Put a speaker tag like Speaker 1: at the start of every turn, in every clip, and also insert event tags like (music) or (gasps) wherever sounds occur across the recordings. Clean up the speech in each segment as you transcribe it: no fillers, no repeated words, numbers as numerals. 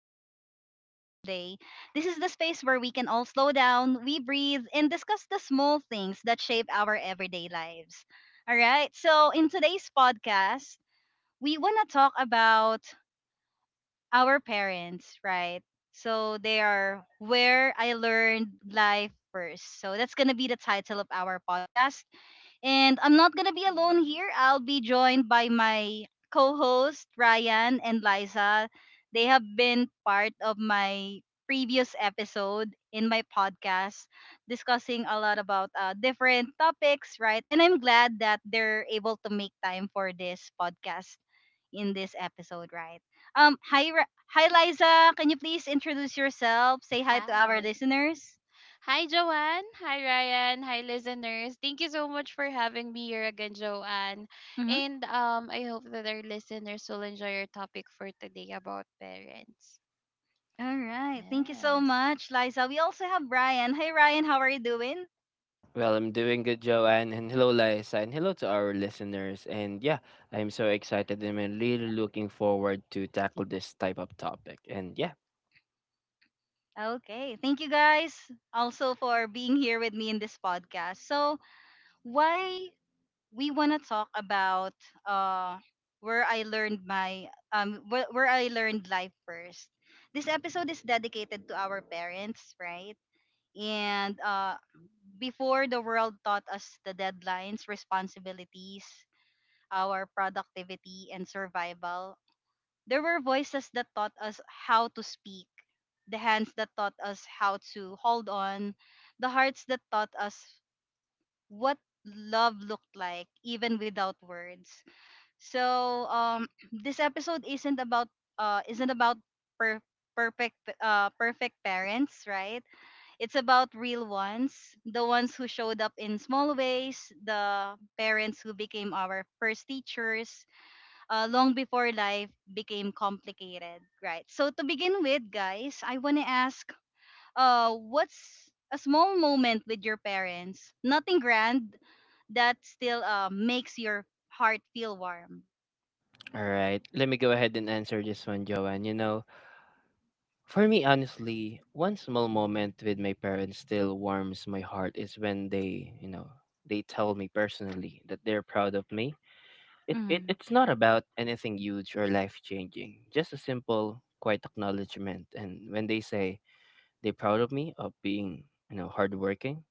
Speaker 1: guys are here with me today. This is the space where we can all slow down, we breathe, and discuss the small things that shape our everyday lives. All right, so in today's podcast, we want to talk about our parents, right? So they are where I learned life first. So that's going to be the title of our podcast and I'm not gonna be alone
Speaker 2: Mhm.
Speaker 1: here. I'll be joined by my co-host Ryan and Liza. They have been part of my previous episode in my podcast discussing a lot about different topics, right? And I'm glad that they're able to make time for this podcast in this episode, right? Hi, hi, Liza. Can you please introduce yourself? Say hi to our
Speaker 2: Hi.
Speaker 1: listeners.
Speaker 2: Hi, Joanne. Hi, Ryan. Hi, listeners. Thank you so much for having me here again, Joanne.
Speaker 1: Mm-hmm.
Speaker 2: And I hope that our listeners will enjoy our topic for today about parents.
Speaker 1: All right. Thank you so
Speaker 2: Yes.
Speaker 1: much, Liza. We also have Ryan. Hi, Ryan. How are you doing?
Speaker 3: Well, I'm doing good, Joanne, and hello, Liza, and hello to our listeners. And yeah, I'm so excited and I'm really looking forward to tackle this type of topic. And yeah,
Speaker 1: Okay. Thank you guys also for being here with me in this podcast. So, why we want to talk about uh where I learned my where I learned life first. This episode is dedicated to our parents, right? And before the world taught us the deadlines, responsibilities, our productivity and survival, there were voices that taught us how to speak, the hands that taught us how to hold on, the hearts that taught us what love looked like even without words. So (clears throat) this episode isn't about per- perfect perfect parents, right? It's about real ones, the ones who showed up in small ways, the parents who became our first teachers, long before life became complicated, right? So to begin with, guys, I want to ask, what's a small moment with your parents? Nothing grand that still makes your heart feel warm.
Speaker 3: all right, let me go ahead and answer this one, Joanne. You know, for me, honestly, one small moment with my parents still warms my heart is when they, they tell me personally that they're proud of me. It, it
Speaker 1: Mm-hmm,
Speaker 3: it's not about anything huge or life changing, just a simple, quiet acknowledgement. And when they say they're proud of me of being, you know, hardworking.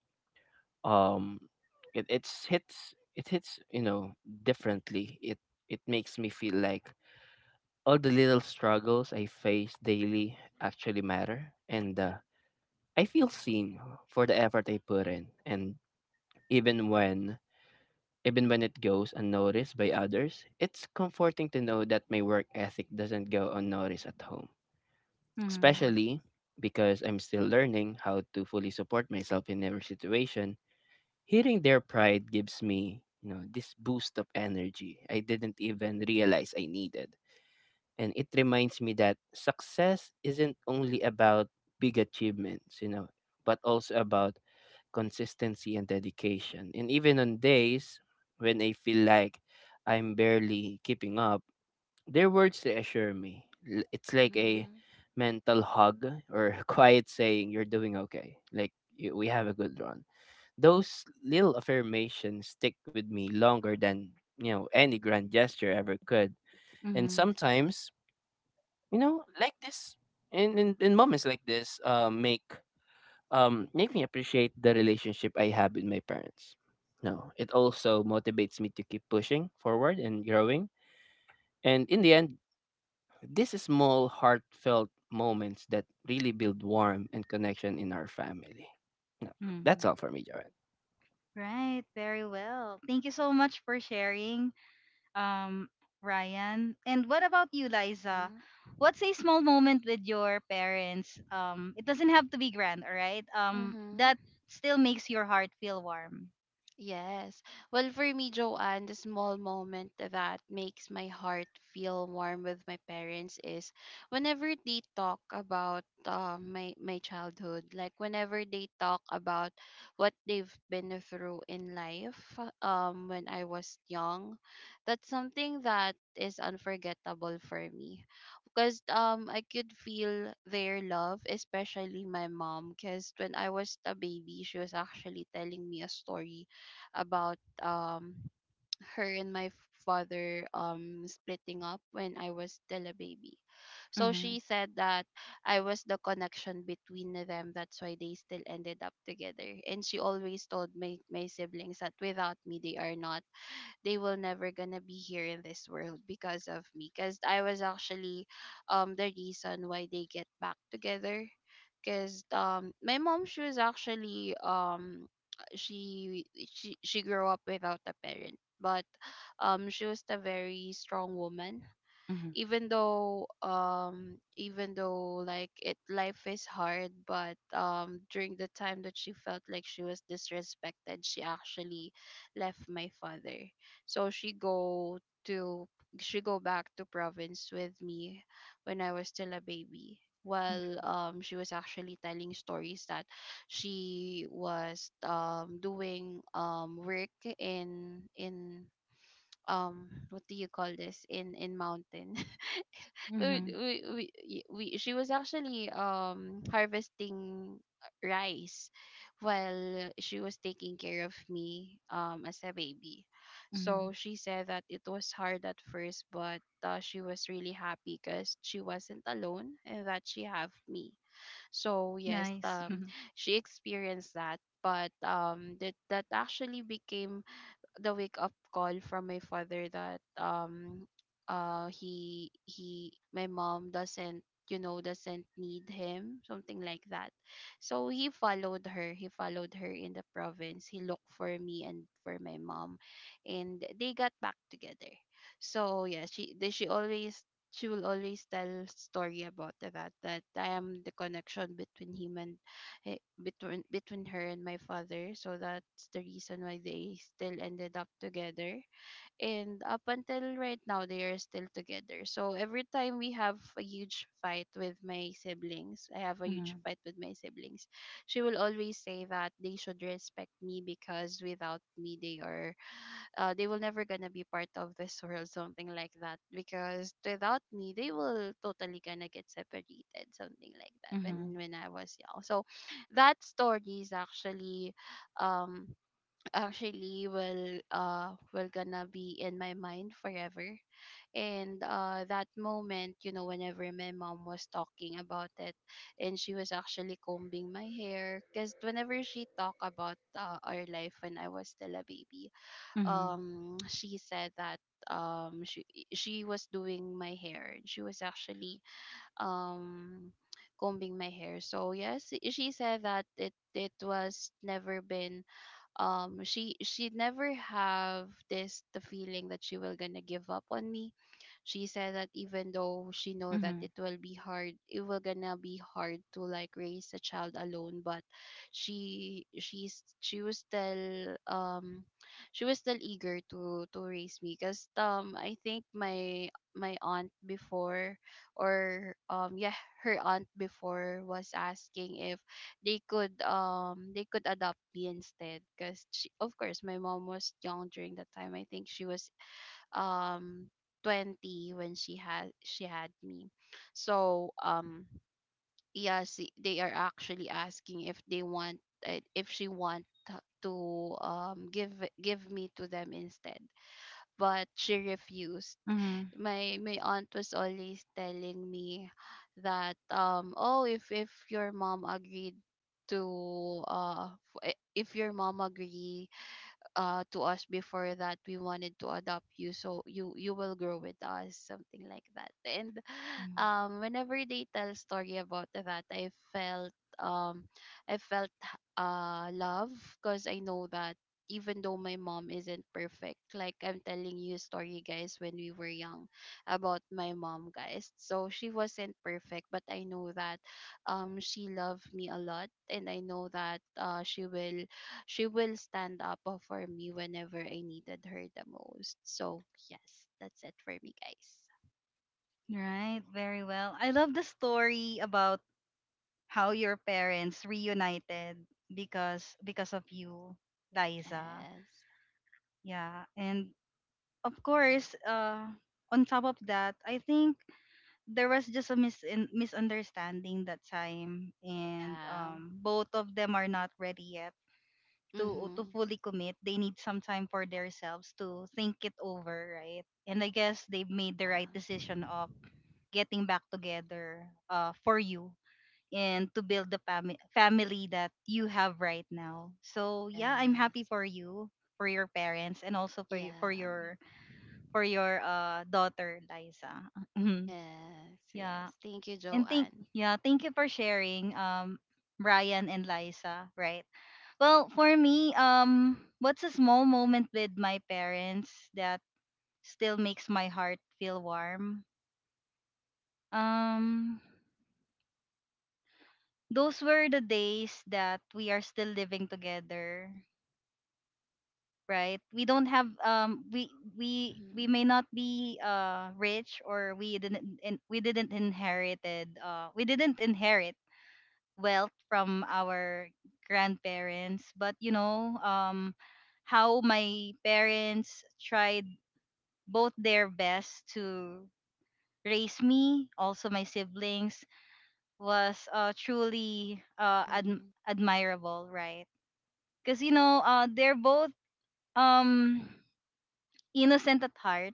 Speaker 3: Um, it hits you know differently. It makes me feel like all the little struggles I face daily actually matter, and I feel seen for the effort I put in. And even when even when it goes unnoticed by others, it's comforting to know that my work ethic doesn't go unnoticed at home,
Speaker 1: mm-hmm,
Speaker 3: especially because I'm still learning how to fully support myself in every situation. Hearing their pride gives me, you know, this boost of energy I didn't even realize I needed. And it reminds me that success isn't only about big achievements, you know, but also about consistency and dedication. And even on days when I feel like I'm barely keeping up, their words reassure me. It's like a
Speaker 2: Mm-hmm.
Speaker 3: mental hug or (laughs) quiet saying, "You're doing okay." Like, you, we have a good run. Those little affirmations stick with me longer than, you know, any grand gesture ever could. And
Speaker 1: mm-hmm,
Speaker 3: sometimes, you know, like this in moments like this, make me appreciate the relationship I have with my parents. No, it also motivates me to keep pushing forward and growing. And in the end, these small, heartfelt moments that really build warmth and connection in our family. No, that's
Speaker 1: mm-hmm.
Speaker 3: all for me, Joanne.
Speaker 1: Right, very well. Thank you so much for sharing. um, Ryan. And what about you, Liza?
Speaker 2: Mm-hmm.
Speaker 1: What's a small moment with your parents? It doesn't have to be grand, all right?
Speaker 2: Mm-hmm.
Speaker 1: That still makes your heart feel warm.
Speaker 2: Yes. Well, for me, Joanne, the small moment that makes my heart feel warm with my parents is whenever they talk about my childhood, like whenever they talk about what they've been through in life, when I was young, that's something that is unforgettable for me, because I could feel their love, especially my mom, because when I was a baby, she was actually telling me a story about her and my father splitting up when I was still a baby. So
Speaker 1: Mm-hmm.
Speaker 2: she said that I was the connection between them. That's why they still ended up together. And she always told my siblings that without me they are not they will never gonna be here in this world because of me, because I was actually the reason why they get back together, because my mom, she she she grew up without a parent, but she was a very strong woman,
Speaker 1: Mm-hmm.
Speaker 2: even though like it life is hard, but during the time that she felt like she was disrespected, she actually left my father, so to she go back to province with me when I was still a baby, while she was actually telling stories that she was doing work in what do you call this, in mountain.
Speaker 1: Mm-hmm.
Speaker 2: We, y- we She was actually harvesting rice while she was taking care of me as a baby. So
Speaker 1: Mm-hmm.
Speaker 2: she said that it was hard at first, but she was really happy because she wasn't alone and that she have me. So yes,
Speaker 1: Nice. (laughs)
Speaker 2: she experienced that, but that actually became the wake up call from my father that he my mom doesn't you know doesn't need him, something like that. So he followed her, in the province. He looked for me and for my mom, and they got back together. So yeah, she will always tell story about that, that I am the connection between him and between her and my father. So that's the reason why they still ended up together, and up until right now they are still together. So every time we have a huge fight with my siblings I have a huge
Speaker 1: Mm-hmm.
Speaker 2: fight with my siblings, she will always say that they should respect me, because without me they are they will never gonna be part of this world, something like that, because without me they will totally gonna get separated, something like that when
Speaker 1: Mm-hmm.
Speaker 2: I was young. So that story is actually um will gonna be in my mind forever. And that moment, you know, whenever my mom was talking about it, and she was actually combing my hair, because whenever she talked about our life when I was still a baby,
Speaker 1: Hmm.
Speaker 2: (clears throat) she said that um she she was doing my hair, she was actually um combing my hair. So yes, she said that it was never been she never have this the feeling that she will gonna give up on me. She said that even though she
Speaker 1: Hmm.
Speaker 2: know that it will be hard, to like raise a child alone, but she she's she was still um she was still eager to raise me, because I think my aunt before, or yeah, her aunt before was asking if they could adopt me instead, because of course my mom was young during that time. I think she was um 20 when she had me. So yes, they are actually asking if they want if she want give me to them instead, but she refused.
Speaker 1: Hmm.
Speaker 2: My aunt was always telling me that, "Oh, if your mom agreed to if your mom agree to us before, that we wanted to adopt you, so you will grow with us," something like that. And (sighs) whenever they tell a story about that, I felt um i felt love, because I know that even though my mom isn't perfect, like I'm telling you a story, guys, when we were young about my mom, guys, so she wasn't perfect, but I know that she loved me a lot, and I know that she will stand up for me whenever I needed her the most. So yes, that's it for me, guys.
Speaker 1: Right. Very well. I love the story about how your parents reunited because of you, Liza.
Speaker 2: Yes.
Speaker 1: Yeah. And of course, on top of that, I think there was just a misunderstanding that time, and
Speaker 2: Yeah.
Speaker 1: both of them are not ready yet to
Speaker 2: Mm-hmm.
Speaker 1: fully commit. They need some time for themselves to think it over, right? And I guess they've made the right
Speaker 2: Yeah.
Speaker 1: decision of getting back together for you and to build the family that you have right now. So yeah, I'm happy
Speaker 2: Yes.
Speaker 1: for you, for your parents, and also for
Speaker 2: Yeah.
Speaker 1: you, for your daughter Liza. Mhm.
Speaker 2: Yes.
Speaker 1: Yeah.
Speaker 2: Yes. Thank you,
Speaker 1: And
Speaker 2: Joanne.
Speaker 1: thank you for sharing Brian and Liza, right? Well, for me, what's a small moment with my parents that still makes my heart feel warm? Um those were the days that we are still living together, right? We
Speaker 2: Mm-hmm.
Speaker 1: may not be rich or we didn't inherited we didn't inherit wealth from our grandparents, but you know, how my parents tried both their best to raise me, also my siblings, was truly
Speaker 2: Mm-hmm.
Speaker 1: admirable, right? Because you know, they're both um innocent at heart,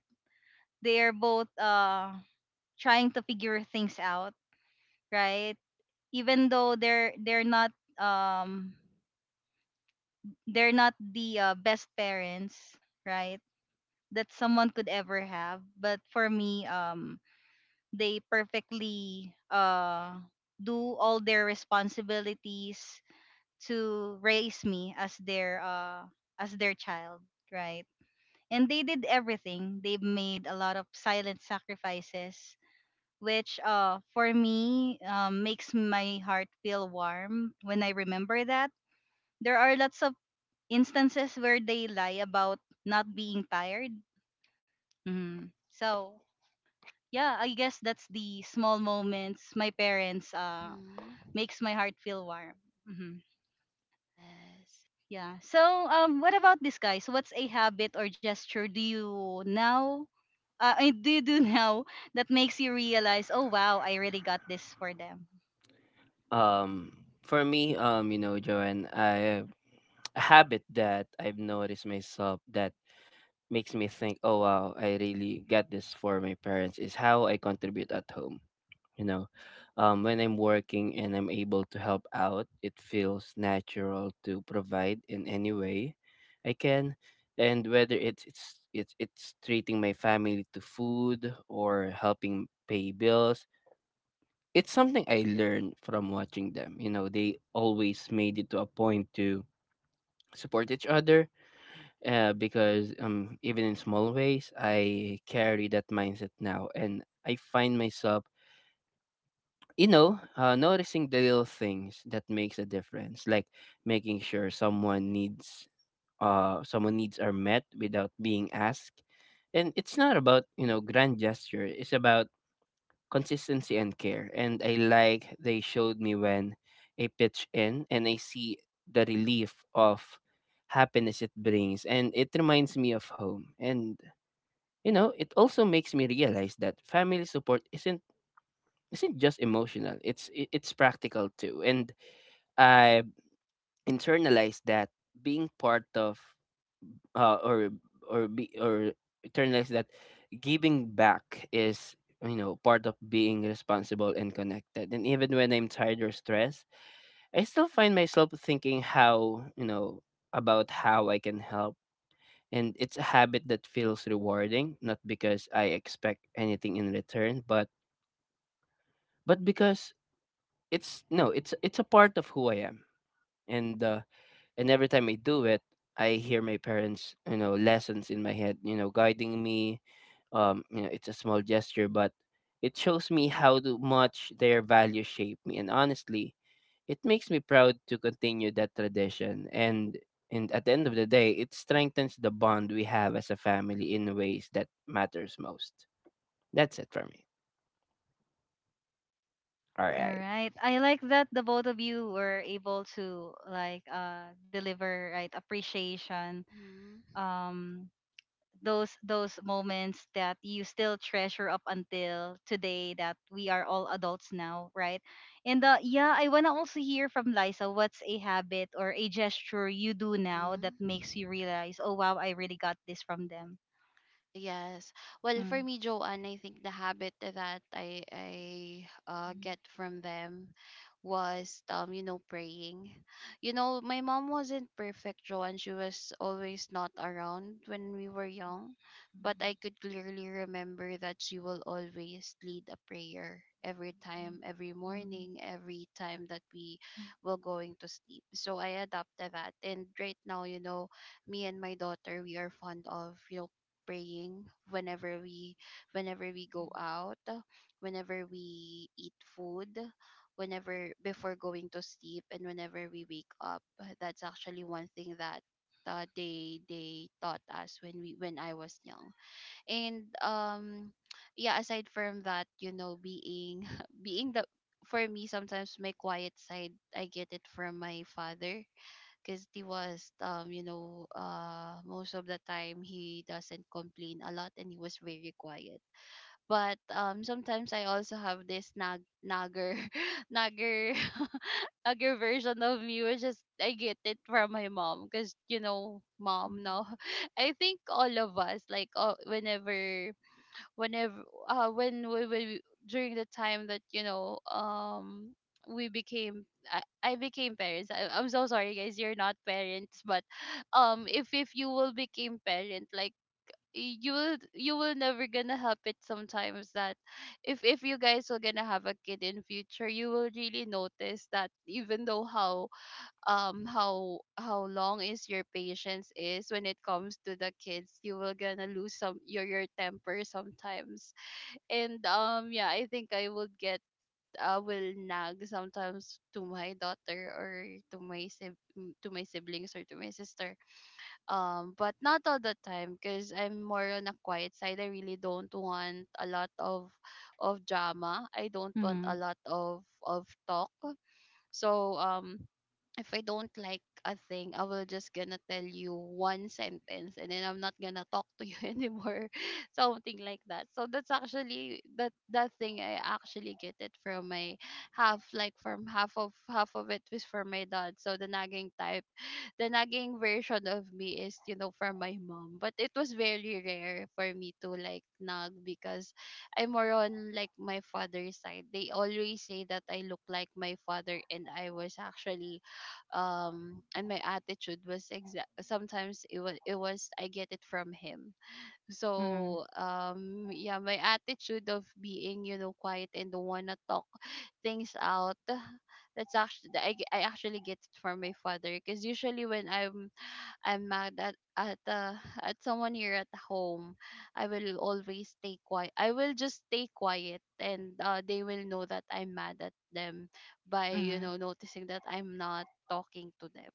Speaker 1: they're both trying to figure things out, right? Even though they're not um they're not the best parents, right, that someone could ever have, but for me, they perfectly do all their responsibilities to raise me as their child, right? And they did everything. They made a lot of silent sacrifices, which for me, makes my heart feel warm when I remember that. There are lots of instances where they lie about not being tired. Mhm. So yeah, I guess that's the small moments my parents
Speaker 2: Mm-hmm.
Speaker 1: makes my heart feel warm. Hmm.
Speaker 2: Yes.
Speaker 1: Yeah. So what about this, guys? What's a habit or gesture do you now? Do you do (laughs) now that makes you realize, oh wow, I really got this for them.
Speaker 3: Um, for me, you know, Joanne, I, a habit that I've noticed myself that makes me think, oh wow, I really get this for my parents is how I contribute at home. You know, when I'm working and I'm able to help out, it feels natural to provide in any way I can. And whether it's treating my family to food or helping pay bills, it's something I learned from watching them. You know, they always made it to a point to support each other because even in small ways, I carry that mindset now, and I find myself, you know, noticing the little things that makes a difference, like making sure someone needs are met without being asked, and it's not about you know grand gesture. It's about consistency and care. And I like they showed me when I pitch in and I see the relief of happiness it brings. And it reminds me of home. And you know, it also makes me realize that family support isn't just emotional. It's practical too. And I internalized that being part of uh, or or be or internalize that giving back is you know part of being responsible and connected. And even when I'm tired or stressed, I still find myself thinking how you know about how I can help. And it's a habit that feels rewarding not because I expect anything in return but because it's no it's it's a part of who I am. And and every time I do it, I hear my parents, you know, lessons in my head, you know, guiding me. You know, it's a small gesture, but it shows me how much their values shape me. And honestly, it makes me proud to continue that tradition. And at the end of the day, it strengthens the bond we have as a family in ways that matters most. That's it for me. All
Speaker 1: All
Speaker 3: right.
Speaker 1: right. I like that the both of you were able to like deliver, right, appreciation,
Speaker 2: Mm-hmm.
Speaker 1: um those moments that you still treasure up until today, that we are all adults now, right? And yeah, I want to also hear from Liza, what's a habit or a gesture you do now that
Speaker 2: Mm-hmm.
Speaker 1: makes you realize, "Oh wow, I really got this from them."
Speaker 2: Yes. Well, for
Speaker 1: Mm.
Speaker 2: me, Joanne, I think the habit that I get from them was you know, praying. You know, my mom wasn't perfect, Joanne. She was always not around when we were young, but I could clearly remember that she will always lead a prayer every time, every morning, every time that we were going to sleep. So I adopted that, and right now, you know, me and my daughter, we are fond of, you know, praying whenever we go out, whenever we eat food, whenever before going to sleep, and whenever we wake up. That's actually one thing that they taught us when we when I was young. And yeah, aside from that, you know, being (laughs) being the for me sometimes, my quiet side I get it from my father, because he was you know, most of the time he doesn't complain a lot and he was very quiet. But sometimes I also have this nagger (laughs) nagger (laughs) nagger version of me, which is I get it from my mom, because you know, mom now. (laughs) I think all of us, like, whenever whenever when we, were during the time that, you know, we became I became parents. I'm so sorry guys, you're not parents, but (sighs) if you will become parent, like you will, you will never gonna help it sometimes, that if you guys are gonna have a kid in future, you will really notice that even though how long is your patience is when it comes to the kids, you will gonna lose some your temper sometimes. And yeah, I think I would get I will nag sometimes to my daughter, or to my to my siblings, or to my sister, but not all the time, because I'm more on a quiet side. I really don't want a lot of drama. I don't want a
Speaker 1: Mhm.
Speaker 2: lot of talk. So if I don't like a thing, I will just gonna tell you one sentence and then I'm not gonna talk to you (laughs) anymore. Something like that. So that's actually that thing I actually get it from my half, like from half of it was from my dad. So the nagging version of me is, you know, from my mom. But it was very rare for me to like nag, because I'm more on like my father's side. They always say that I look like my father, and I was actually and my attitude was exact sometimes, it was I get it from him.
Speaker 1: Mhm.
Speaker 2: So yeah, my attitude of being, you know, quiet and don't wanna talk (laughs) things out (sighs) that's actually I actually get it from my father, because usually when I'm mad at at someone here at home, I will always stay quiet. I will just stay quiet, and they will know that I'm mad at them by, you know,
Speaker 1: Mhm.
Speaker 2: noticing that I'm not talking to them.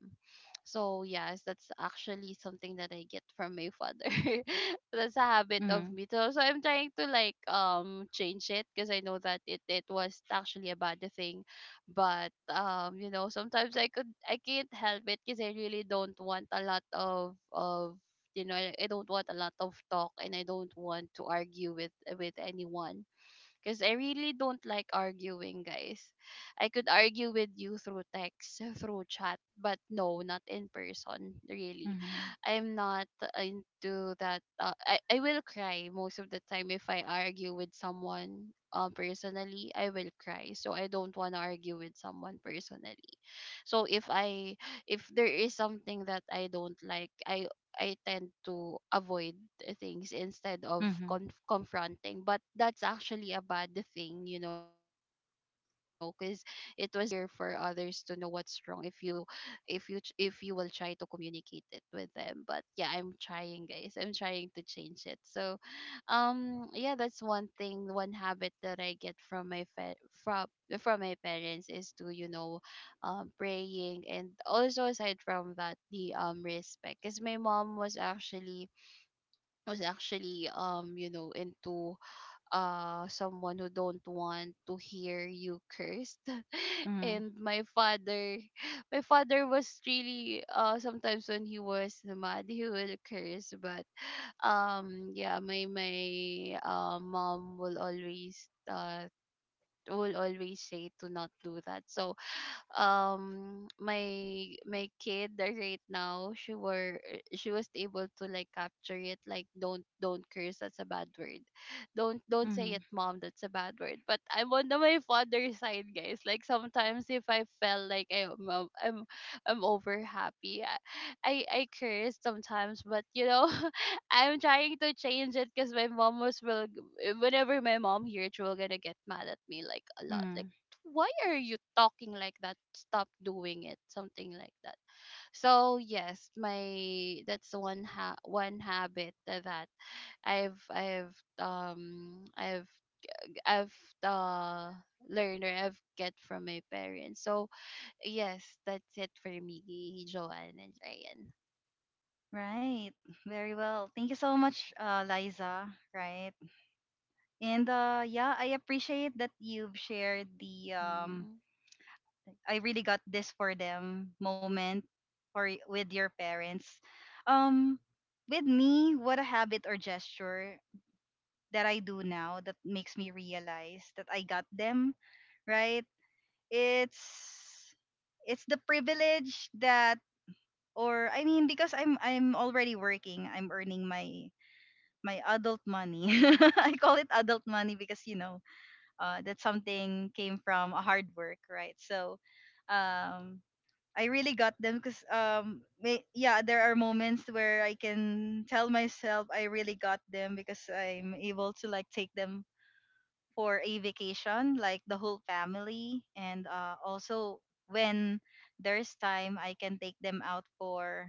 Speaker 2: So yes, that's actually something that I get from my father. (laughs) That's a habit of
Speaker 1: Mhm.
Speaker 2: me. So, I'm trying to like change it, because I know that it was actually a bad thing. But you know, sometimes I can't help it, because I really don't want a lot of you know, I don't want a lot of talk, and I don't want to argue with anyone, because I really don't like arguing, guys. I could argue with you through text, (laughs) through chat, but no, not in person, really.
Speaker 1: Mhm.
Speaker 2: I'm not into that. I will cry most of the time if I argue with someone personally. I will cry. So I don't want to argue with someone personally. So if there is something that I don't like, I tend to avoid things instead of
Speaker 1: Mhm.
Speaker 2: confronting. But that's actually a bad thing, because it was here for others to know what's wrong if you if you will try to communicate it with them. But yeah, I'm trying, guys, I'm trying to change it. So yeah, that's one thing, one habit that I get from my from my parents is to praying, and also aside from that, the respect, because my mom was actually into someone who don't want to hear you cursed. (laughs)
Speaker 1: Mhm.
Speaker 2: And my father was really, sometimes when he was mad, he will curse. But yeah, my mom will always say to not do that. So my kid that right now, she was able to like capture it, like, don't curse, that's a bad word, don't say it,
Speaker 1: Mm-hmm.
Speaker 2: mom, that's a bad word. But I'm on my father's side, guys. Like sometimes if I felt like I'm I'm over happy, I curse sometimes, but (laughs) I'm trying to change it, because my mom was will, whenever my mom hears, she will gonna get mad at me like a lot, like,
Speaker 1: Mm-hmm.
Speaker 2: why are you talking like that, stop doing it, something like that. So yes, my, that's one one habit that i've i've um i've I've uh learned, or I've get from my parents. So yes, that's it for me, Joanne and Ryan.
Speaker 1: Right. Very well. Thank you so much, Liza. Right. And yeah, I appreciate that you've shared the
Speaker 2: Mm-hmm.
Speaker 1: I really got this for them moment with your parents. Um, with me, what a habit or gesture that I do now that makes me realize that I got them. Right. It's it's the privilege that, or I mean, because I'm already working, I'm earning my my adult money. (laughs) I call it adult money because you know, that something came from a hard work, right? So um, I really got them because yeah, there are moments where I can tell myself I really got them because I'm able to like take them for a vacation, like the whole family, and also when there's time, I can take them out for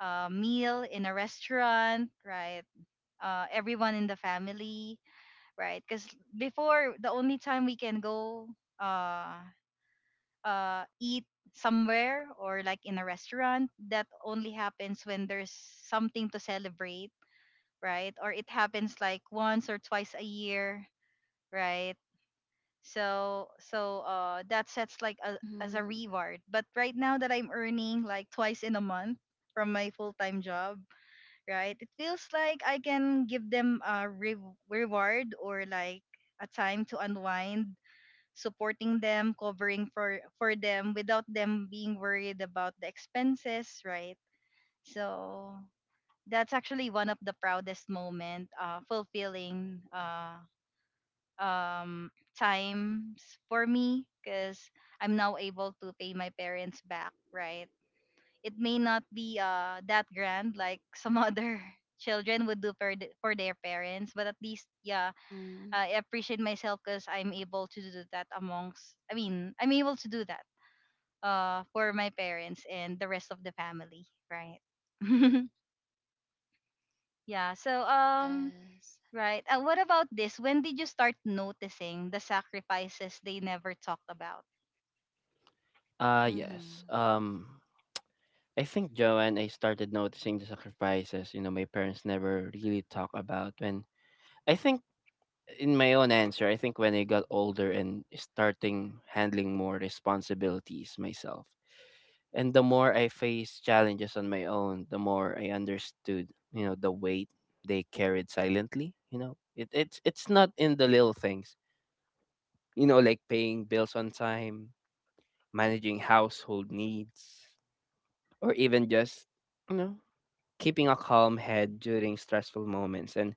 Speaker 1: a meal in a restaurant, right? Everyone in the family, right? Because before, the only time we can go uh, eat somewhere or like in a restaurant, that only happens when there's something to celebrate, right? Or it happens like once or twice a year, right? So that sets like a, as a
Speaker 2: Mm-hmm.
Speaker 1: reward. But right now that I'm earning like twice in a month from my full-time job, right? It feels like I can give them a reward or like a time to unwind, supporting them, covering for them without them being worried about the expenses, right? So that's actually one of the proudest moment, fulfilling um, times for me because I'm now able to pay my parents back, right? It may not be that grand like some other (laughs) children would do for, for their parents, but at least, yeah,
Speaker 2: Mm-hmm.
Speaker 1: I appreciate myself because I'm able to do that amongst I mean I'm able to do that for my parents and the rest of the family, right? (laughs) Yeah. So
Speaker 2: Yes.
Speaker 1: right, what about this, when did you start noticing the sacrifices they never talked about?
Speaker 3: Uh yes.
Speaker 2: Mm-hmm.
Speaker 3: Um I think Joanne, I started noticing the sacrifices, you know, my parents never really talk about when I think in my own answer, I think when I got older and starting handling more responsibilities myself. And the more I faced challenges on my own, the more I understood, you know, the weight they carried silently. You know, it's not in the little things, you know, like paying bills on time, managing household needs, or even just, you know, keeping a calm head during stressful moments. And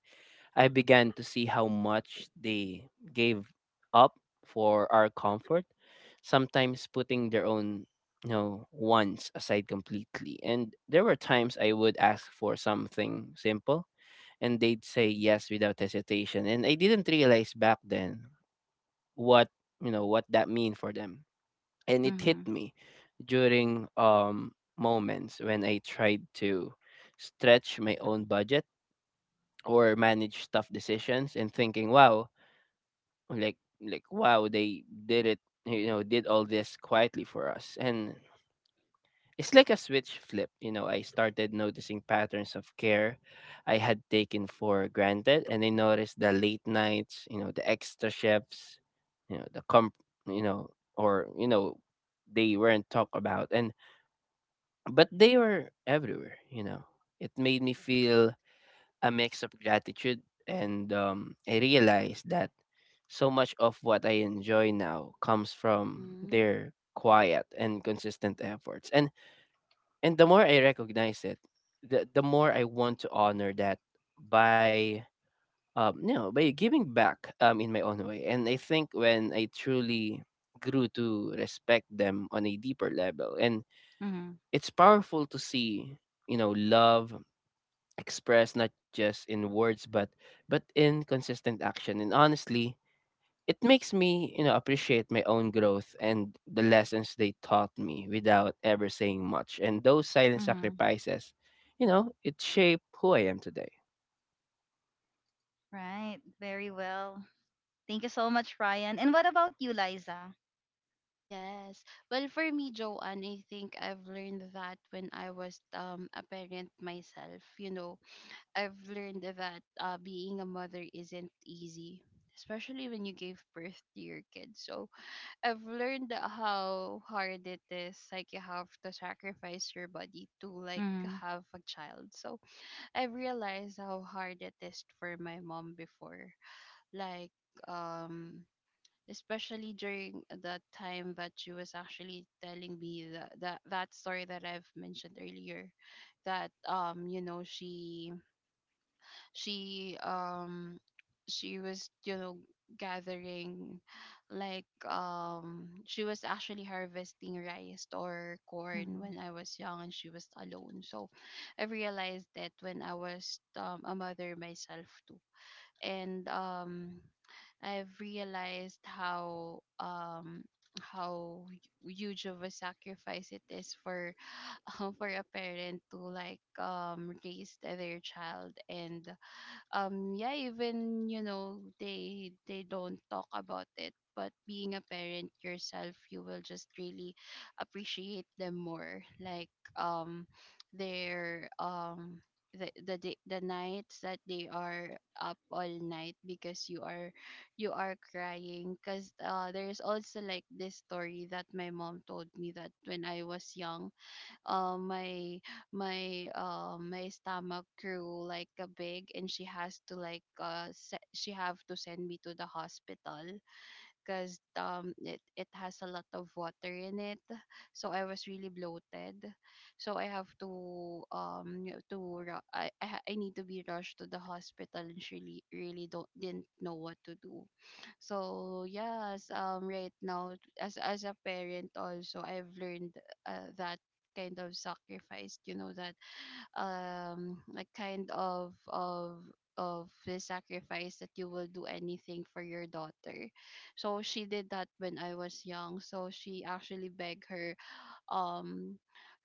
Speaker 3: I began to see how much they gave up for our comfort, sometimes putting their own you know wants aside completely. And there were times I would ask for something simple and they'd say yes without hesitation, and I didn't realize back then what you know what that mean for them. And it hit
Speaker 1: Mm-hmm.
Speaker 3: me during moments when I tried to stretch my own budget or manage tough decisions and thinking wow, wow they did it, you know, did all this quietly for us. And it's like a switch flip, you know, I started noticing patterns of care I had taken for granted. And I noticed the late nights, you know, the extra shifts, you know the comp you know or you know they weren't talked about, and but they were everywhere, you know. It made me feel a mix of gratitude. And I realized that so much of what I enjoy now comes from
Speaker 2: Mm-hmm.
Speaker 3: their quiet and consistent efforts. And the more I recognize it, the more I want to honor that by you know by giving back in my own way. And I think when I truly grew to respect them on a deeper level. And
Speaker 1: Mm-hmm.
Speaker 3: it's powerful to see you know love expressed not just in words but in consistent action. And honestly it makes me you know appreciate my own growth and the lessons they taught me without ever saying much, and those silent
Speaker 1: Hmm.
Speaker 3: sacrifices, you know, it shaped who I am today.
Speaker 1: Right, very well. Thank you so much, Ryan. And what about you, Liza?
Speaker 2: Yes. Well, for me, Joanne, I think I've learned that when I was a parent myself. You know, I've learned that, being a mother isn't easy, especially when you gave birth to your kid. So I've learned how hard it is. Like, you have to sacrifice your body to like
Speaker 1: Mhm,
Speaker 2: have a child. So I've realized how hard it is for my mom before. Like um especially during the time that she was actually telling me that story that I've mentioned earlier, that you know, she she um she was gathering, like she was actually harvesting rice or corn
Speaker 1: mhm,
Speaker 2: when I was young, and she was alone. So I realized that when I was, a mother myself too. And I've realized how, how huge of a sacrifice it is for (laughs) for a parent to like raise their child. And yeah, even they don't talk about it, but being a parent yourself, you will just really appreciate them more, like um their um the nights that they are up all night because you are crying. Because, there's also like this story that my mom told me, that when I was young, uh, my my stomach grew like a big, and she has to like she have to send me to the hospital, because it has a lot of water in it. So I was really bloated, so I have to I need to be rushed to the hospital, and she really really don't didn't know what to do. So yes, right now, as a parent also, I've learned, that kind of sacrifice, you know, that like kind of of the sacrifice that you will do anything for your daughter. So she did that when I was young. So she actually begged her, um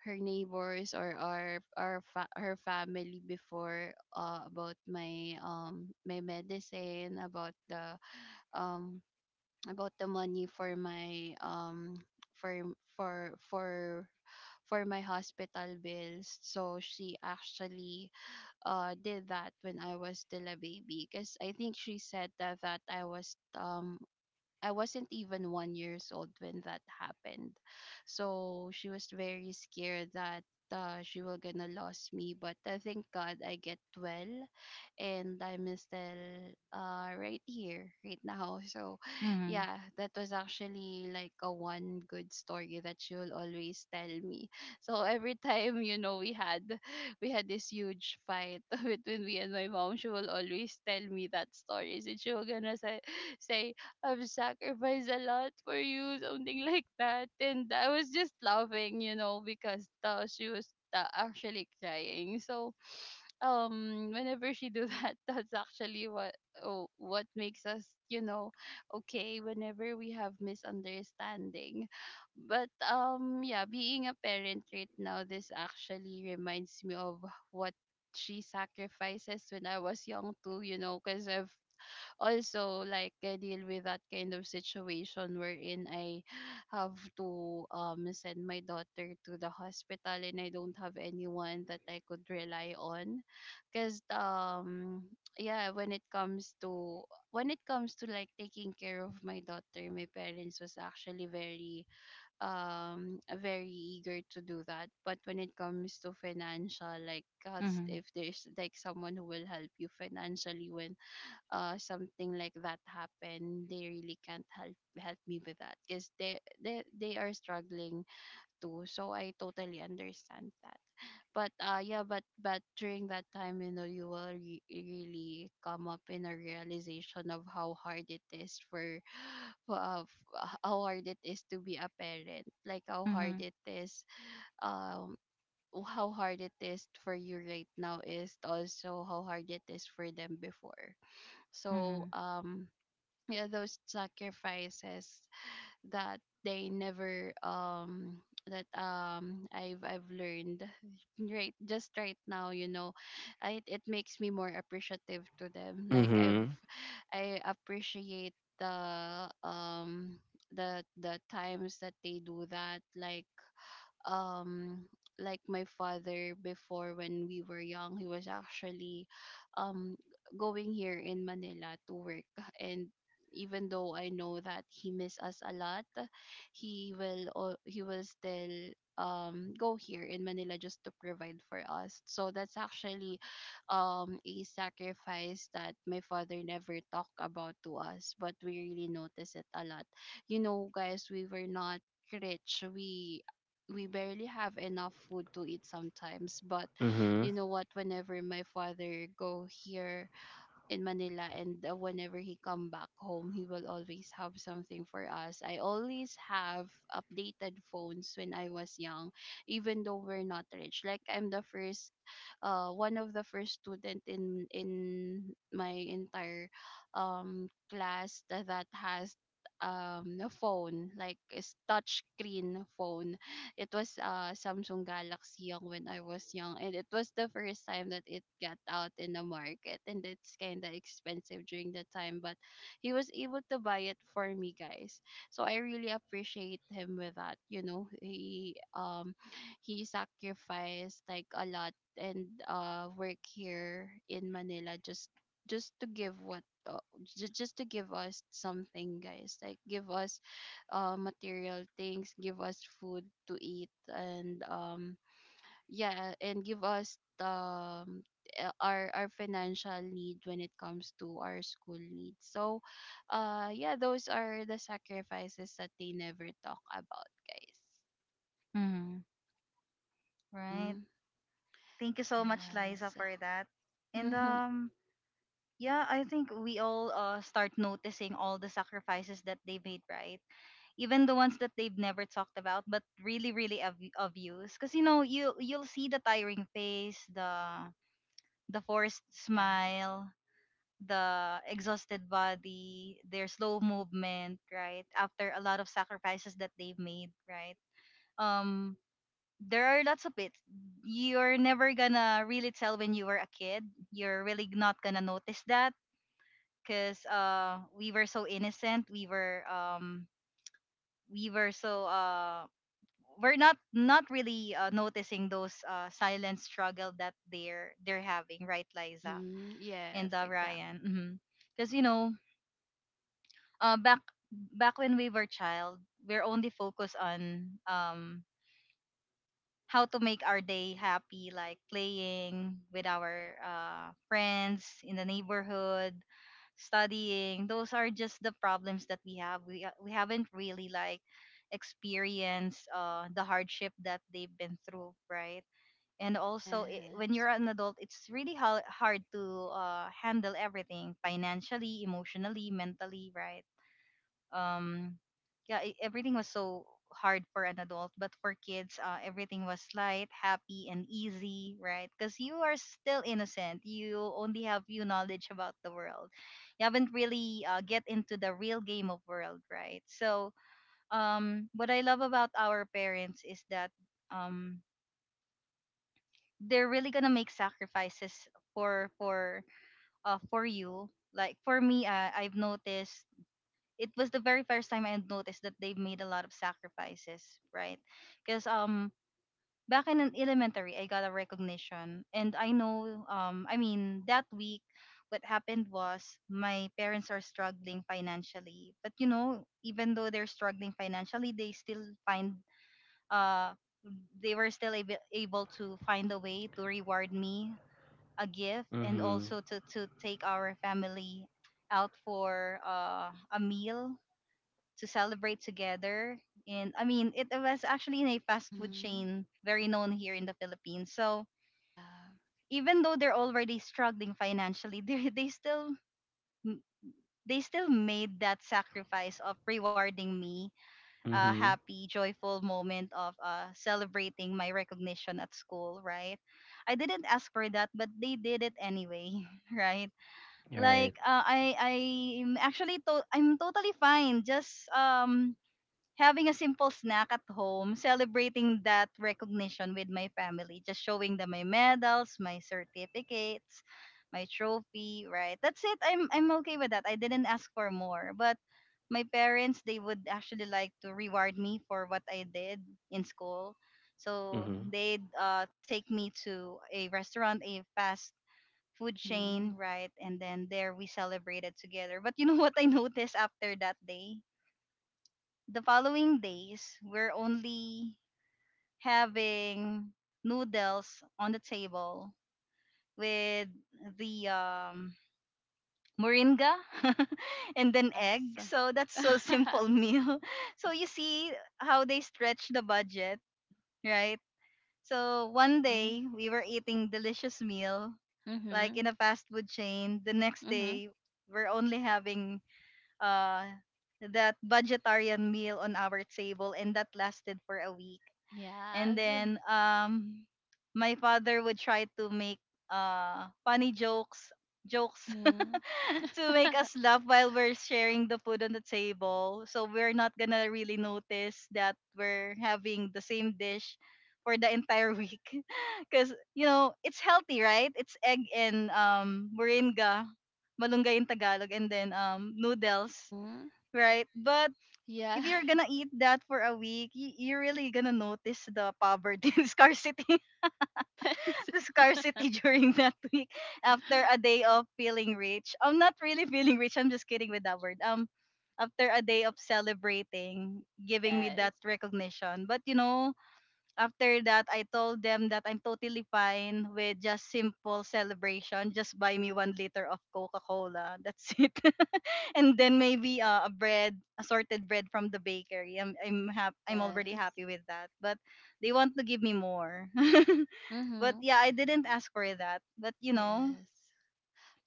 Speaker 2: her neighbors, or her family before, about my my medicine, um about the money for for for for my hospital bills. So she actually did that when I was still a baby, because I think she said that I was I wasn't even 1 years old when that happened. So she was very scared that, she will gonna lose me. But I thank God I get well, and I'm still, right here right now. (laughs) So
Speaker 1: mhm,
Speaker 2: yeah, that was actually like a one good story that she will always tell me. (laughs) So every time, you know, we had this huge fight (laughs) between me and my mom, she will always tell me that story. And she will gonna say, I've sacrificed a lot for you, something (laughs) like that. And I was just laughing, you know, because, she was, actually crying. So, (sniffs) whenever she do that, (laughs) that's actually what makes us, you know, okay, whenever we have misunderstanding. But yeah, being a parent right now, this actually reminds me of what she sacrifices when I was young too, you know, because I've also like, I deal with that kind of situation wherein I (sighs) have to send my daughter to the hospital, and I don't have anyone that I could rely on. Because (tsk) yeah, when it comes to like taking care of my daughter, my parents was actually very very eager to do that. But when it comes to financial, like, God,
Speaker 1: mhm,
Speaker 2: if there's like someone who will help you financially when something like that happen, they really can't help me with that, because they are struggling too, so I totally understand that. But, yeah, but during that time, you know, you will really come up in a realization of how hard it is for (gasps) (sighs) uh, how hard it is to be a parent, like how hard
Speaker 1: mhm,
Speaker 2: it is, um how hard it is for you right now, is also how hard it is for them before. So
Speaker 1: mhm,
Speaker 2: yeah, those sacrifices that they never, that I've learned right just right now, you know, it makes me more appreciative to them. Like,
Speaker 3: Mhm.
Speaker 2: I appreciate the, the times that they do that, um like my father before, when we were young, he was actually, um going here in Manila to work, and even though I know that he miss us a lot, he will, he will still, go here in Manila just to provide for us. So that's actually, a sacrifice that my father never talked about to us, but we really notice it a lot. You know, guys, we were not rich, we barely have enough food to eat sometimes. But
Speaker 3: Mhm.
Speaker 2: you know what, whenever my father go here in Manila, and, whenever he come back home, he will always have something for us. I always have updated phones when I was young, even though we're not rich. Like, I'm the first, one of the first student in my entire, class that, has, a phone, like a touch screen phone. It was, Samsung Galaxy Young when I was young, and it was the first time that it got out in the market, and it's kind of expensive during the time, but he was able to buy it for me, guys. So I really appreciate him with that. You know, he, sacrificed like a lot, and work here in Manila, just to give what ju- just to give us something, guys. Like, give us, material things, give us food to eat, and, yeah, and give us, our financial need when it comes to our school needs. So, yeah, those are the sacrifices that they never talk about, guys.
Speaker 1: mhm. Right.
Speaker 2: Mm,
Speaker 1: Thank you so much, Liza,
Speaker 2: yes.
Speaker 1: for that. And
Speaker 2: Mm-hmm.
Speaker 1: yeah, I think we all start noticing all the sacrifices that they made, right? Even the ones that they've never talked about, but really, really obvious. Because you know, you you'll see the tiring face, the forced
Speaker 2: Yes.
Speaker 1: smile, the exhausted body, their slow movement, right? After a lot of sacrifices that they've made, right? um there are lots of it. You're never gonna really tell when you were a kid. You're really not gonna notice that because we were so innocent. We were so We're not really noticing those silent struggle that they're having, right, Liza?
Speaker 2: Mm-hmm. Yes,
Speaker 1: And
Speaker 2: exactly.
Speaker 1: Ryan. Because you know, uh back back when we were child, we're only focused on how to make our day happy, like playing with our friends in the neighborhood, studying. Those are just the problems that we have. We haven't really like experienced the hardship that they've been through, right? And also, I when
Speaker 2: Yes.
Speaker 1: you're an adult, it's really hard to handle everything financially, emotionally, mentally, right? um yeah, everything was so hard for an adult, but for kids, everything was light, happy and easy, right? Because you are still innocent, you only have few knowledge about the world, you haven't really get into the real game of world, right? So what I love about our parents is that um they're really gonna make sacrifices for for for you. Like for me, I've noticed it was the very first time I noticed that they've made a lot of sacrifices, right? Because back in an elementary, I got a recognition, and I know I mean that week, what happened was my parents are struggling financially, but you know even though they're struggling financially, they still find uh they were still able to find a way to reward me a gift and
Speaker 3: Mhm.
Speaker 1: also to take our family out for a meal to celebrate together. And I mean, it was actually in a fast food
Speaker 2: Mm-hmm.
Speaker 1: chain very known here in the Philippines. So
Speaker 2: Yeah.
Speaker 1: even though they're already struggling financially, (laughs) they still made that sacrifice of rewarding me a
Speaker 3: Mhm.
Speaker 1: happy, joyful moment of celebrating my recognition at school, right? I didn't ask for that, but they did it anyway, (laughs) right?
Speaker 3: You're right.
Speaker 1: Like I I'm actually to- I'm totally fine. Just having a simple snack at home, celebrating that recognition with my family, just showing them my medals, my certificates, my trophy, right? That's it. I'm okay with that. I didn't ask for more, but my parents they would actually like to reward me for what I did in school. So
Speaker 3: Mhm.
Speaker 1: they'd take me to a restaurant, a fast food
Speaker 2: Mm-hmm.
Speaker 1: chain, right? And then there we celebrated together. But you know (laughs) what I noticed after that day? The following days, we're only having noodles on the table with the moringa (laughs) and then egg.
Speaker 2: Yes.
Speaker 1: So that's so simple meal. (laughs) So you see how they stretch the budget, right? So one day
Speaker 2: (laughs)
Speaker 1: we were eating delicious meal like
Speaker 2: Mm-hmm.
Speaker 1: in a fast food chain. The next
Speaker 2: Mhm.
Speaker 1: day we're only having uh that budgetarian meal on our table, and that lasted for a week. And
Speaker 2: Yes.
Speaker 1: then my father would try to make funny jokes
Speaker 2: Mhm. Mhm.
Speaker 1: (laughs) to make
Speaker 2: (laughs)
Speaker 1: us laugh while we're sharing the food on the table, so we're not gonna really notice that we're having the same dish for the entire week (laughs) because it's healthy, right? It's egg and moringa, malunggay in Tagalog, and then noodles, right? But
Speaker 2: Yeah.
Speaker 1: if you're gonna
Speaker 2: (laughs)
Speaker 1: eat that for a week, you're really gonna notice the poverty, (laughs) the scarcity, (laughs)
Speaker 2: Yes.
Speaker 1: the scarcity during that week after a
Speaker 2: (laughs)
Speaker 1: day of feeling rich. I'm not really feeling rich. I'm just kidding with that word. After a day of celebrating, giving me
Speaker 2: Yes.
Speaker 1: that recognition. But after that, I told them that I'm totally fine with just simple celebration. Just buy me 1 liter of Coca-Cola. That's (laughs) it. And then maybe a bread assorted bread from the bakery. I'm already
Speaker 2: Yes.
Speaker 1: happy with that, but they want to give me more. (laughs) But
Speaker 2: Mhm.
Speaker 1: yeah, I didn't ask for that. But you know.
Speaker 2: Yes.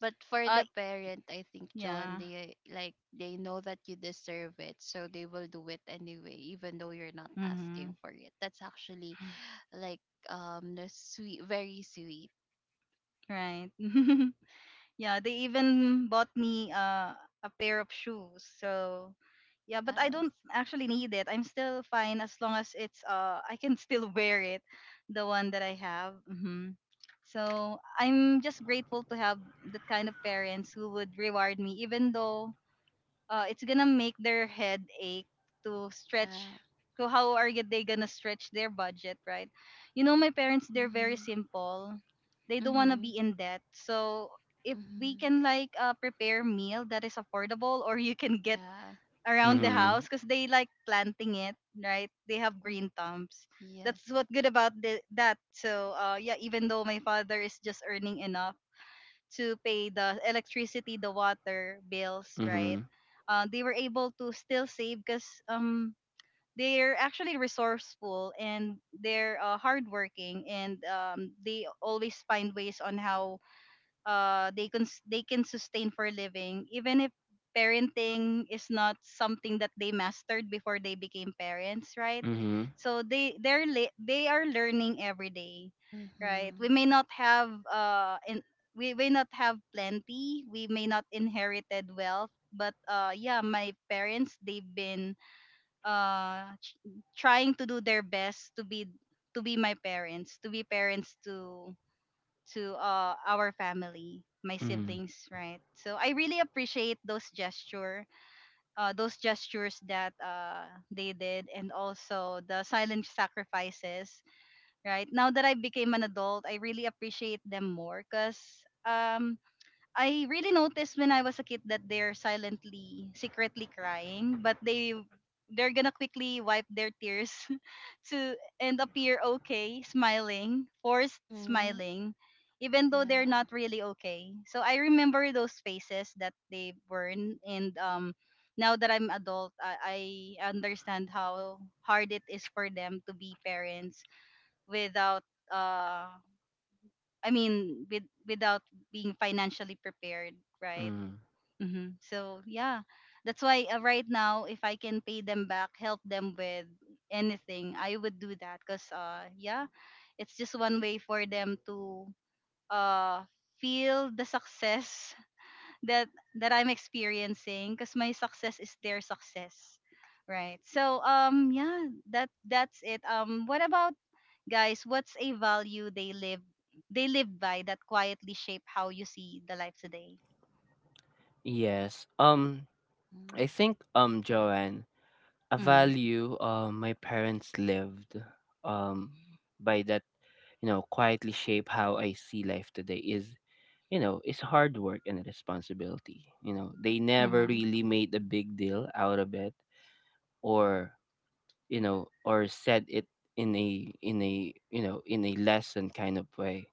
Speaker 2: But for
Speaker 1: uh
Speaker 2: the parent, I think, Joan,
Speaker 1: yeah.
Speaker 2: they like they know that you deserve it, so they will do it anyway, even though you're not
Speaker 1: Mm-hmm.
Speaker 2: asking for it. That's actually like, the sweet, very sweet.
Speaker 1: Right. (laughs) Yeah, they even bought me a pair of shoes. So yeah, but I
Speaker 2: Yes.
Speaker 1: don't actually need it. I'm still fine as long as it's I can still (laughs) wear it, the one that I have. Mhm. So I'm just grateful to have that kind of parents who would reward me, even though it's gonna make their head ache to stretch.
Speaker 2: Yeah.
Speaker 1: So how are they gonna stretch their budget, right? You know, my parents, they're very
Speaker 2: Mhm.
Speaker 1: simple. They don't wanna
Speaker 2: Mhm.
Speaker 1: be in debt. So if we
Speaker 2: Mm-hmm.
Speaker 1: can like prepare meal that is affordable, or you can get
Speaker 2: Yeah.
Speaker 1: around the
Speaker 3: Mhm.
Speaker 1: house because they like planting it, right? They have
Speaker 2: Mm.
Speaker 1: green thumbs. That's
Speaker 2: Yes.
Speaker 1: what good about that. So yeah, even though my father is just earning enough to pay the electricity, the water bills, right?
Speaker 3: Mhm.
Speaker 1: They were able to still save because they're actually resourceful, and they're hardworking, and they always find ways on how they can sustain for a living, even if parenting is not something that they mastered before they became parents, right?
Speaker 3: Mhm.
Speaker 1: So they are learning every day, right?
Speaker 2: Mhm.
Speaker 1: We may not have in we may not have plenty. We may not inherited wealth. But yeah, my parents, they've been uh ch- trying to do their best to be my parents, to be parents to our family, my
Speaker 3: Mhm.
Speaker 1: siblings, right? So I really appreciate those gesture, those gestures that they did, and also the silent sacrifices. Right now that I became an adult, I really appreciate them more because I really noticed when I was a kid that they're silently, secretly crying, but they're gonna quickly wipe their tears (laughs) to and appear okay, smiling, forced
Speaker 2: Mhm.
Speaker 1: smiling, even though they're
Speaker 2: Yeah.
Speaker 1: not really okay. So I remember those faces that they were in, and now that I'm adult, I understand how hard it is for them to be parents without uh, I mean, without being financially prepared, right?
Speaker 3: Mhm.
Speaker 1: Hmm. So yeah, that's why right now, if I can pay them back, help them with anything, I would do that. Cause yeah, it's just one way for them to uh feel the success (laughs) that I'm experiencing. Cause my success is their success, right? So yeah, that's it. What about guys? What's a value they live by that quietly shape how you see the life today?
Speaker 3: Yes. I
Speaker 2: Mhm.
Speaker 3: think Joanne, a
Speaker 1: Mm-hmm.
Speaker 3: value my parents lived um, by that you know quietly shape how I see life today is you know is hard work and responsibility. You know they never really made a big deal out of it or you know or said it in a you know in a lesson kind of way.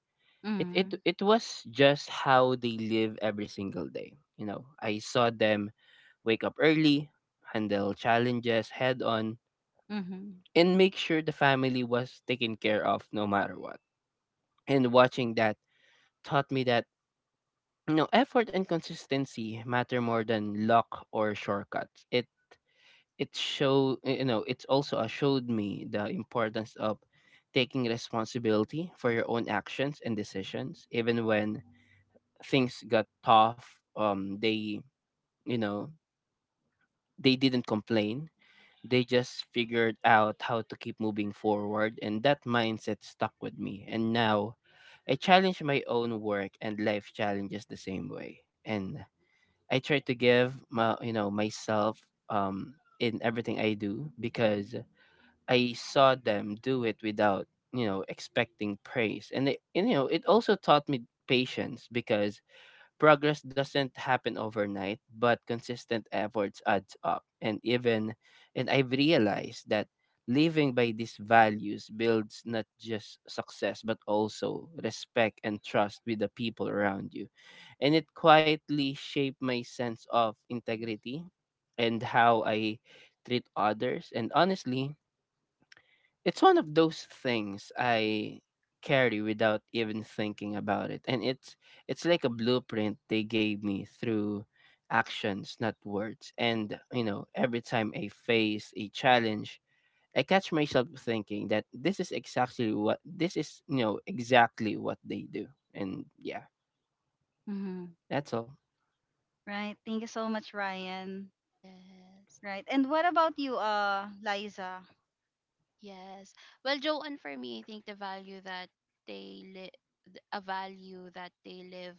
Speaker 3: It it
Speaker 1: Mm-hmm.
Speaker 3: it was just how they live every single day. You know I saw them wake up early, handle challenges head on
Speaker 1: Mm-hmm.
Speaker 3: and make sure the family was taken care of no matter what. And watching that taught me that you know effort and consistency matter more than luck or shortcuts. It show you know it's also showed me the importance of taking responsibility for your own actions and decisions even when things got tough. They you know they didn't complain, they just figured out how to keep moving forward, and that mindset stuck with me. And now I challenge my own work and life challenges the same way, and I try to give my you know myself in everything I do because I saw them do it without you know expecting praise. And, it, and you know it also taught me patience because progress doesn't happen overnight, but consistent efforts adds up. And even and I've realized that living by these values builds not just success but also respect and trust with the people around you. And it quietly shaped my sense of integrity and how I treat others. And honestly, it's one of those things I carry without even thinking about it. And it's like a blueprint they gave me through actions, not words. And you know, every time I face a challenge, I catch myself thinking that this is exactly what this is, you know, exactly what they do. And yeah,
Speaker 1: Mm-hmm.
Speaker 3: that's all.
Speaker 1: Right. Thank you so much, Ryan.
Speaker 2: Yes.
Speaker 1: Right. And what about you, Liza?
Speaker 2: Yes. Well, Joanne, for me, I think the value that they live, a value that they live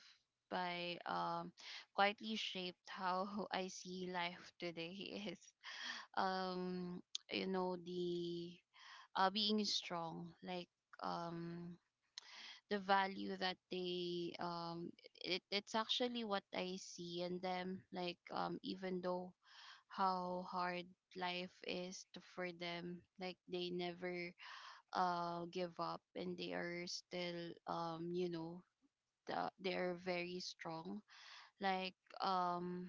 Speaker 2: by, quietly shaped how (laughs) I see life today is, um, you know, the, being strong, like, um, the value that they it's actually what I see in them like even though how hard life is for them, like they never give up, and they are still they are very strong, like um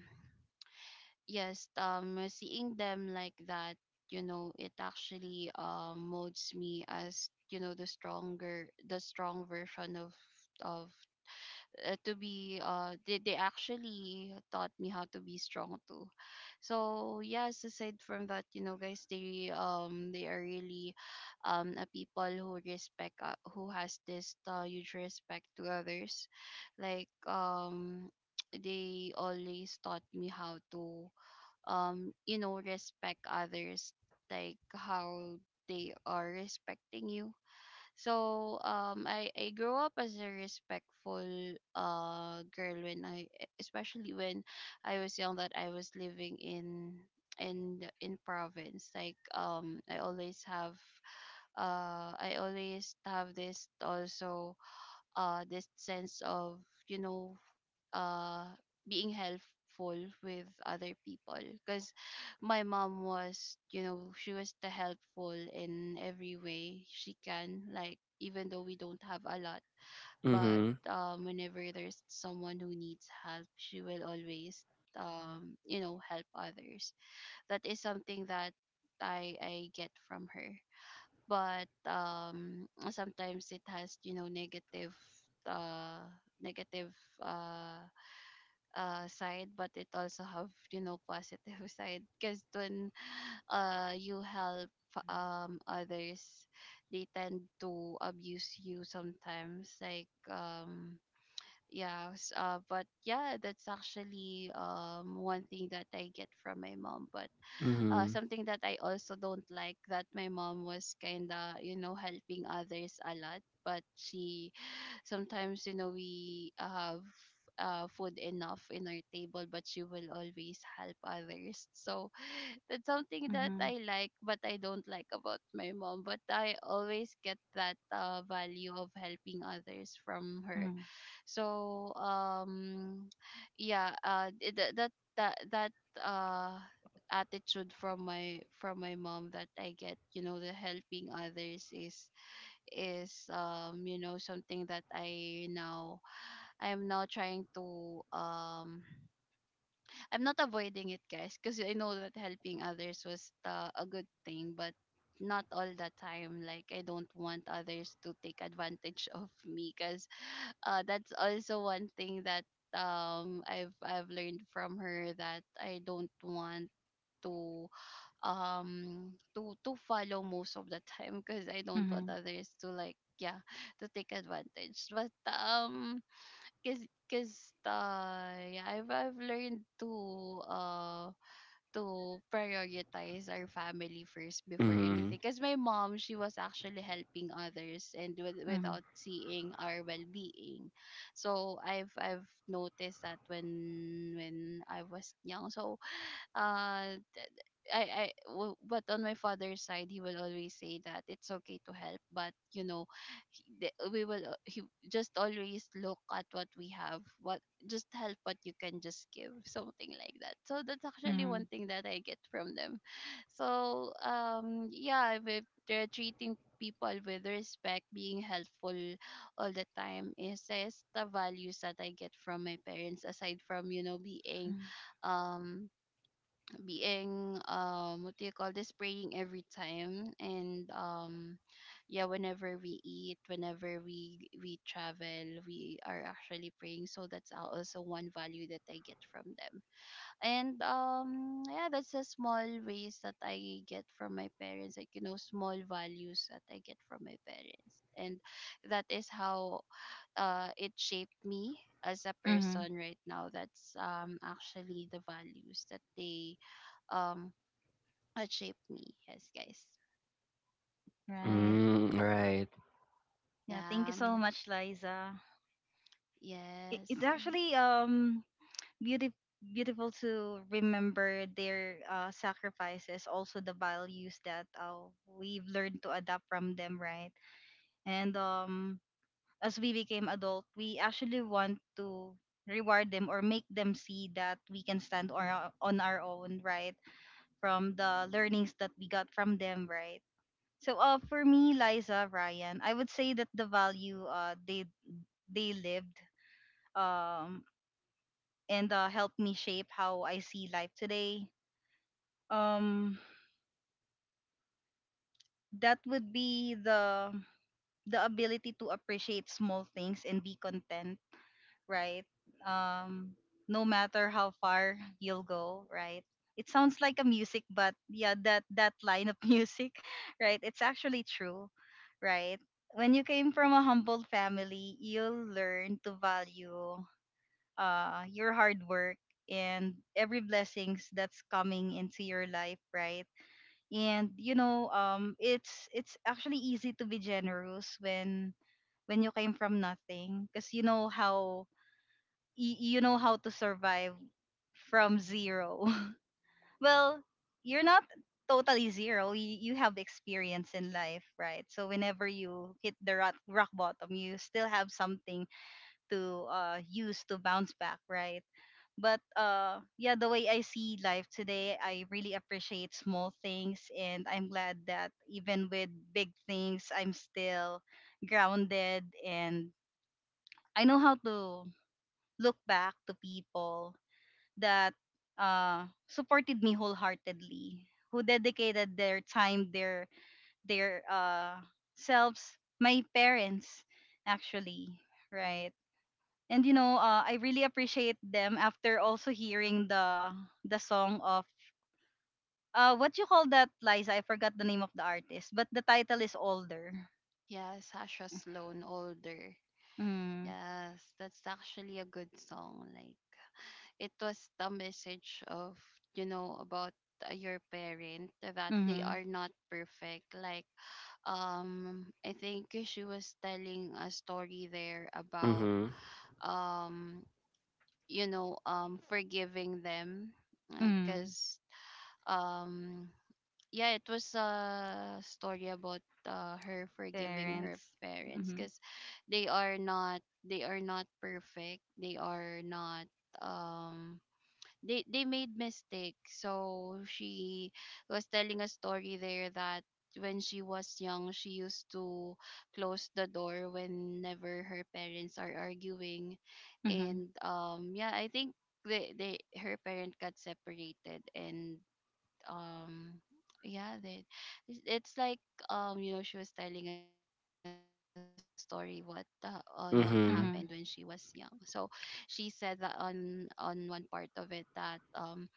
Speaker 2: yes. Seeing them like that, you know, it actually molds me as, you know, the strong version of of to be they actually taught me how to be strong too. So yes, aside from that, you know, guys, they are really a people who respect who has this huge respect to others, like (tsk) they always taught me how to you know, respect others, like how they are respecting you. So I grew up as a respectful girl when I, especially when I was young, that I was living in in province, like I always have this also this sense of, you know, uh being helpful with other people, because my mom was, you know, she was the helpful in every way she can, like even though we don't have a lot, but
Speaker 3: Mhm.
Speaker 2: whenever there's someone who needs help, she will always you know, help others. That is something that I get from her. But sometimes it has, you know, negative uh negative uh side, but it also have, you know, positive (laughs) side, because when you help others, they tend to abuse you sometimes, like but yeah, that's actually one thing that I get from my mom. But
Speaker 3: Mhm.
Speaker 2: something that I also don't like that my mom was kind of, you know, helping others a lot, but she sometimes, you know, we have food enough in our table, but she will always help others. So (laughs) (sighs) that's something
Speaker 1: Mm-hmm.
Speaker 2: that I like, but I don't like about my mom, but I always get that value of helping others from her.
Speaker 1: Mm-hmm.
Speaker 2: So (sniffs) yeah, that that uh attitude from my mom that I get, you know, the helping others is is, you know, something that I now, I'm now trying to (sighs) I'm not avoiding it, guys, because I know that helping others was a good thing, but not all the time. Like, I don't want others to take advantage (laughs) of me, because that's also one thing that I've learned from her, that I don't want to to follow most of the time, because I don't want
Speaker 1: Mm-hmm.
Speaker 2: others to like, yeah, (laughs) to take advantage. But cause, cause yeah, I've learned to prioritize our family first before
Speaker 3: Mhm.
Speaker 2: anything, because my mom, she was actually helping others and with,
Speaker 1: Mm-hmm.
Speaker 2: without seeing our well-being. So I've noticed that when I was young. So uh but on my father's side, he will always say that it's okay to help, but you know, we will he just always look at what we have, what, just help what you can, just give, something like that. So that's actually
Speaker 1: Mm-hmm.
Speaker 2: one thing that I get from them. So yeah, with they're treating people with respect, being helpful all the time is the values that I get from my parents, aside from, you know, being um being what do you call this, praying every time, and yeah, whenever we eat, whenever we travel, we are actually praying. So that's also one value that I get from them. And yeah, that's a small ways that I get from my parents, like you know, small values that I get from my parents, and that is how it shaped me as a
Speaker 1: Mm-hmm.
Speaker 2: person right now. That's actually the values that they um that shaped me. Yes, guys.
Speaker 1: Right.
Speaker 3: Mm, right.
Speaker 1: Yeah, thank you
Speaker 2: Yeah.
Speaker 1: so much, Liza. It,
Speaker 2: Yes.
Speaker 1: it's actually beautiful beautiful to remember their sacrifices, also the values that we've learned to adapt from them, right? And as we became adult, we actually want to reward them or make them see that we can stand on our own, right? From the learnings that we got from them, right? So, for me, Liza, Ryan, I would say that the value they lived, um, and helped me shape how I see life today. Um, that would be the ability to appreciate small things and be content, right? Um, no matter how far (laughs) you'll go, right? It sounds like a music, but yeah, that line of (laughs) music, right? It's actually true, right? When you came from a humble family, you'll learn to value your hard work and every blessings that's coming into your life, right? And it's actually easy to be generous when you came from nothing, because you know how to survive from zero. (laughs) Well, you're not totally zero. You have experience in life, right? So whenever you hit rock bottom, you still have something to use to bounce back, right? But yeah, the way I see life today, I really appreciate small things, and I'm glad that even with big things, I'm still grounded, and I know how to look back to people that supported me wholeheartedly, who dedicated their time, their selves, my parents, actually, right? And I really appreciate them after also hearing the song of what you call that, Liza? I forgot the name of the artist, but the title is older.
Speaker 2: Yeah, Sasha Sloan, older.
Speaker 1: Mm,
Speaker 2: Yes, that's actually a good song. Like, it was the message of, you know, about your parent that they
Speaker 1: mm-hmm,
Speaker 2: are not perfect. Like I think she was telling a story there about
Speaker 3: Mhm.
Speaker 2: um you know, forgiving them,
Speaker 1: mm,
Speaker 2: because um yeah, it was a story about her forgiving her
Speaker 1: parents.
Speaker 2: parents
Speaker 1: Mm-hmm,
Speaker 2: because they are not perfect, they are not um they made mistakes. So she was telling a story there that when she was young, she used to close the door whenever her parents are arguing,
Speaker 1: mm-hmm,
Speaker 2: and yeah, I think they, her parent got separated, and um yeah, they, it's like you know, she was telling a story what on what happened when she was young.
Speaker 3: Mhm.
Speaker 2: So
Speaker 1: mm-hmm.
Speaker 2: she said that on one part of it, that